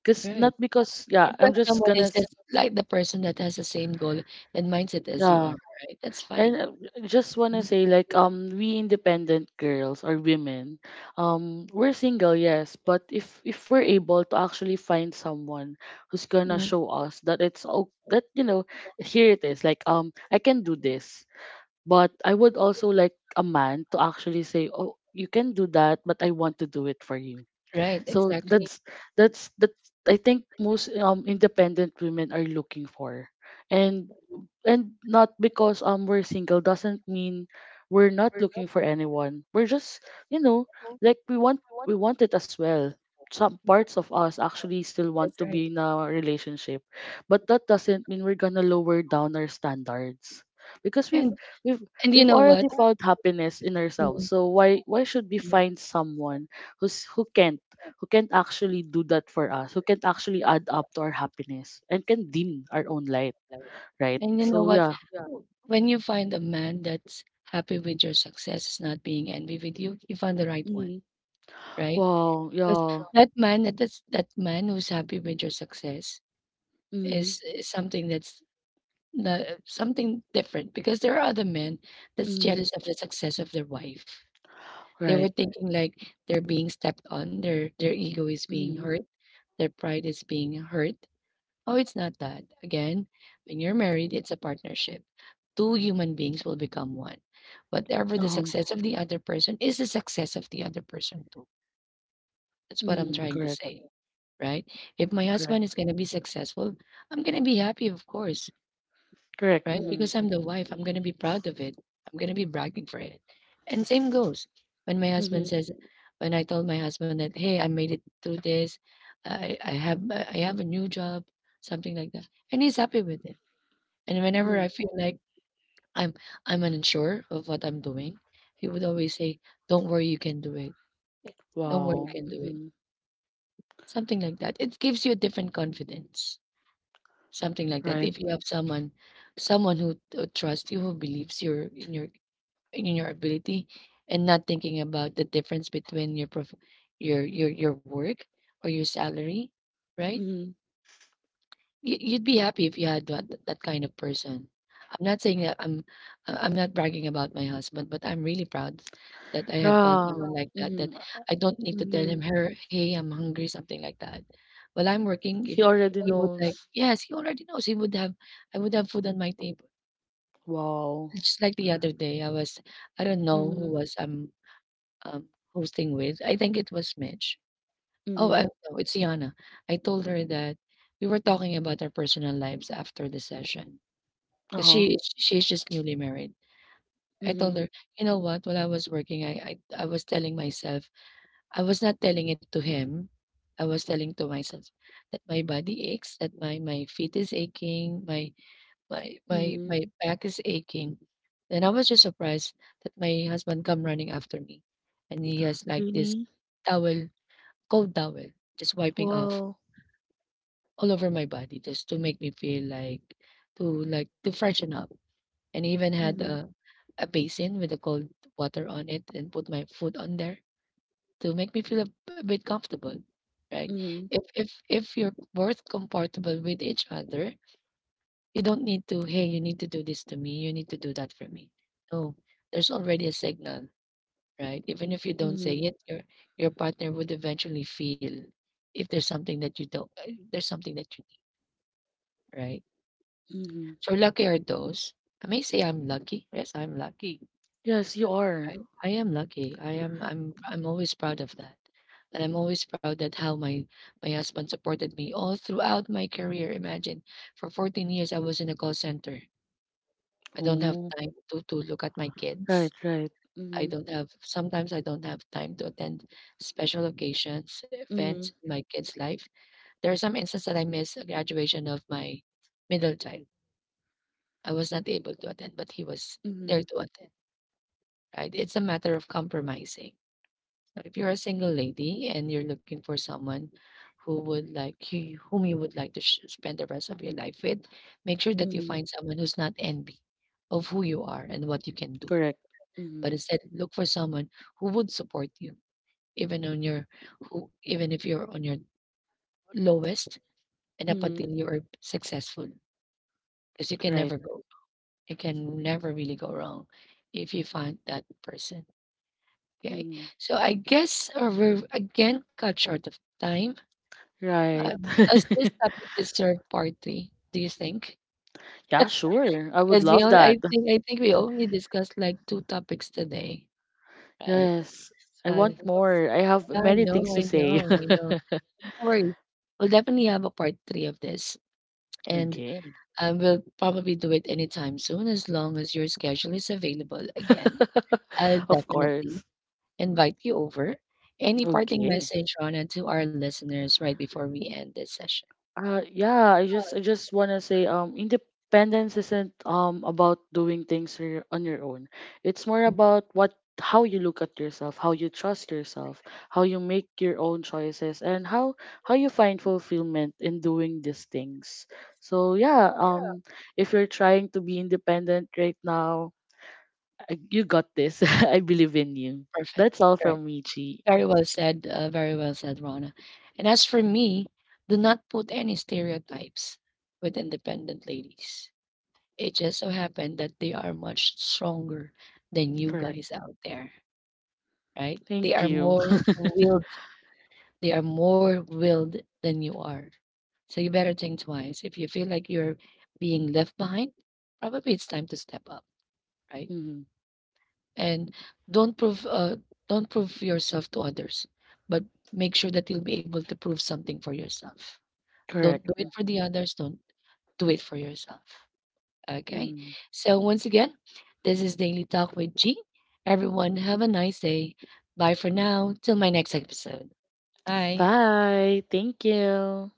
Speaker 2: 'Cause
Speaker 1: right?
Speaker 2: not because, yeah, I'm
Speaker 1: Because
Speaker 2: just
Speaker 1: someone
Speaker 2: gonna
Speaker 1: is just like the person that has the same goal and mindset as you are.
Speaker 2: yeah.
Speaker 1: Right? That's
Speaker 2: And,
Speaker 1: fine.
Speaker 2: just wanna
Speaker 1: Mhm,
Speaker 2: say, like, we independent girls or women, we're single, yes, but if we're able to actually find someone who's gonna
Speaker 1: mhm.
Speaker 2: show us that it's, oh, that you know here it is, like, I can do this, but I would also like a man to actually say, oh, you can do that, but I want to do it for you.
Speaker 1: Right?
Speaker 2: So
Speaker 1: Exactly.
Speaker 2: that's that I think most independent women are looking for, and and not because we're single doesn't mean we're not looking for anyone. We're just, you know like, we want it as well. Some parts of us actually still want to be in a relationship, but that doesn't mean we're gonna lower down our standards, because
Speaker 1: And
Speaker 2: we've
Speaker 1: and you
Speaker 2: we've
Speaker 1: know what?
Speaker 2: already found happiness in ourselves. So why should we find someone who's who can't who can't actually do that for us, who can't actually add up to our happiness and can dim our own light, right?
Speaker 1: And you know
Speaker 2: So,
Speaker 1: what?
Speaker 2: yeah.
Speaker 1: When you find a man that's happy with your success, is not being envy with you, you found the right one,
Speaker 2: Mhm.
Speaker 1: right?
Speaker 2: Wow,
Speaker 1: Because
Speaker 2: yeah.
Speaker 1: that man who's happy with your success
Speaker 2: Mhm.
Speaker 1: is something that's not, something different. Because there are other men that's
Speaker 2: Mhm.
Speaker 1: jealous of the success of their wife. They were
Speaker 2: Right.
Speaker 1: thinking like they're being stepped on, their ego is being
Speaker 2: Mhm.
Speaker 1: hurt, their pride is being hurt. Oh, it's not that. Again, when you're married, it's a partnership. Two human beings will become one. Whatever the
Speaker 2: Uh-huh.
Speaker 1: success of the other person is the success of the other person too. That's what I'm
Speaker 2: Mhm.
Speaker 1: trying to
Speaker 2: Correct.
Speaker 1: say, right? If my
Speaker 2: Correct.
Speaker 1: husband is going to be successful, I'm going to be happy, of course,
Speaker 2: Correct.
Speaker 1: right?
Speaker 2: Mhm.
Speaker 1: Because I'm the wife, I'm gonna be proud of it. I'm gonna be bragging for it. And same goes when my husband
Speaker 2: Mhm.
Speaker 1: says, when I told my husband that, hey, I made it through this, I have a new job, something like that, and he's happy with it. And whenever
Speaker 2: Mhm.
Speaker 1: I feel like I'm I'm unsure of what I'm doing, he would always say, "Don't worry, you can do it. Don't worry, you
Speaker 2: Wow.
Speaker 1: can do it."
Speaker 2: Mhm.
Speaker 1: Something like that. It gives you a different confidence. Something like that.
Speaker 2: Right.
Speaker 1: If you have someone, someone who trusts you, who believes your in your in your ability and not thinking about the difference between your work or your salary, right?
Speaker 2: Mhm.
Speaker 1: You'd be happy if you had that kind of person. I'm not saying that I'm not bragging about my husband, but I'm really proud that I have found
Speaker 2: Yeah.
Speaker 1: someone like that that
Speaker 2: Mhm.
Speaker 1: I don't need to tell
Speaker 2: Mhm.
Speaker 1: him, her, hey, I'm hungry, something like that. While I'm working,
Speaker 2: He
Speaker 1: if
Speaker 2: already
Speaker 1: he would like,
Speaker 2: knows.
Speaker 1: yes, he already knows he would have, I would have food on my table.
Speaker 2: Wow.
Speaker 1: Just like the other day, I don't know who
Speaker 2: Mhm.
Speaker 1: was, um, hosting with. I think it was Mitch.
Speaker 2: Mhm.
Speaker 1: No, it's Yana. I told her that we were talking about our personal lives after the session because
Speaker 2: Uh-huh.
Speaker 1: she's just newly married. I told
Speaker 2: Mhm.
Speaker 1: her, you know what? While I was working, I was telling myself, I was not telling it to him. I was telling to myself that my body aches, that my feet is aching, my my my
Speaker 2: Mhm.
Speaker 1: my back is aching. And I was just surprised that my husband come running after me. And he has like this
Speaker 2: Really?
Speaker 1: towel, cold towel, just wiping off
Speaker 2: Wow.
Speaker 1: all over my body just to make me feel like to freshen up. And he even had
Speaker 2: Mhm.
Speaker 1: a basin with the cold water on it and put my foot on there to make me feel a bit comfortable. Right.
Speaker 2: Mhm.
Speaker 1: If you're both comfortable with each other, you don't need to, hey, you need to do this to me. You need to do that for me. No, there's already a signal, right? Even if you don't say
Speaker 2: Mhm.
Speaker 1: it, your partner would eventually feel if there's something that you don't, if there's something that you need, right?
Speaker 2: Mhm.
Speaker 1: So lucky are those. I may say I'm lucky. Yes, I'm lucky.
Speaker 2: Yes, you
Speaker 1: Yes.
Speaker 2: are.
Speaker 1: Right? I am lucky. I am. I'm always proud of that, and I'm always proud that how my husband supported me all throughout my career. Imagine, for 14 years I was in a call center. I don't have
Speaker 2: Oh.
Speaker 1: time to look at my
Speaker 2: Right,
Speaker 1: kids.
Speaker 2: right.
Speaker 1: I
Speaker 2: Mhm.
Speaker 1: don't have sometimes I don't have time to attend special occasions, events
Speaker 2: Mhm.
Speaker 1: in my kids' life. There are some instances that I missed a graduation of my middle child. I was not able to attend, but he was there
Speaker 2: Mhm.
Speaker 1: to attend. Right? It's a matter of compromising. So if you're a single lady and you're looking for someone who would like you, whom you would like to spend the rest of your life with, make sure that you
Speaker 2: Mhm.
Speaker 1: find someone who's not envy of who you are and what you can do,
Speaker 2: Correct. Mm-hmm.
Speaker 1: but instead look for someone who would support you even on your who even if you're on your lowest and up
Speaker 2: Mm-hmm.
Speaker 1: until you are successful because you can
Speaker 2: Right.
Speaker 1: never go wrong. You can never really go wrong if you find that person. Okay,
Speaker 2: Mm-hmm.
Speaker 1: so I guess we're again cut short of time.
Speaker 2: Right.
Speaker 1: Does this topic deserve part three, do you think?
Speaker 2: Yeah, sure. I would
Speaker 1: Because we
Speaker 2: love
Speaker 1: only,
Speaker 2: that.
Speaker 1: I think we only discussed like two topics today, right?
Speaker 2: Yes. I
Speaker 1: uh,
Speaker 2: want more. I have
Speaker 1: yeah,
Speaker 2: many things to say.
Speaker 1: I know. No worries. We'll definitely have a part three of this, and
Speaker 2: Okay.
Speaker 1: we'll probably do it anytime soon as long as your schedule is available again. I'll
Speaker 2: Of
Speaker 1: definitely
Speaker 2: course.
Speaker 1: invite you over. Any parting
Speaker 2: Okay.
Speaker 1: message, Rana, to our listeners right before we end this session?
Speaker 2: Yeah, I just wanna say, independence isn't, about doing things on your own. It's more
Speaker 1: Mm,
Speaker 2: about what how you look at yourself, how you trust yourself, how you make your own choices, and how you find fulfillment in doing these things. So, yeah, if you're trying to be independent right now, you got this. I believe in you.
Speaker 1: perfect.
Speaker 2: That's all
Speaker 1: Correct.
Speaker 2: from me, Chi.
Speaker 1: Very well said. Very well said, Rana. And as for me, do not put any stereotypes with independent ladies. It just so happened that they are much stronger than you
Speaker 2: Correct.
Speaker 1: guys out there. Right? They
Speaker 2: Thank
Speaker 1: are
Speaker 2: you.
Speaker 1: more willed. They are more willed than you are. So you better think twice. If you feel like you're being left behind, probably it's time to step up, right?
Speaker 2: Mhm.
Speaker 1: And don't prove uh, don't prove yourself to others, but make sure that you'll be able to prove something for yourself. Don't
Speaker 2: Correct.
Speaker 1: do it for the others. Don't do it for yourself. Okay.
Speaker 2: Hmm.
Speaker 1: So once again, this is Daily Talk with G. Everyone, have a nice day. Bye for now. Till my next episode. Bye.
Speaker 2: Bye. Thank you.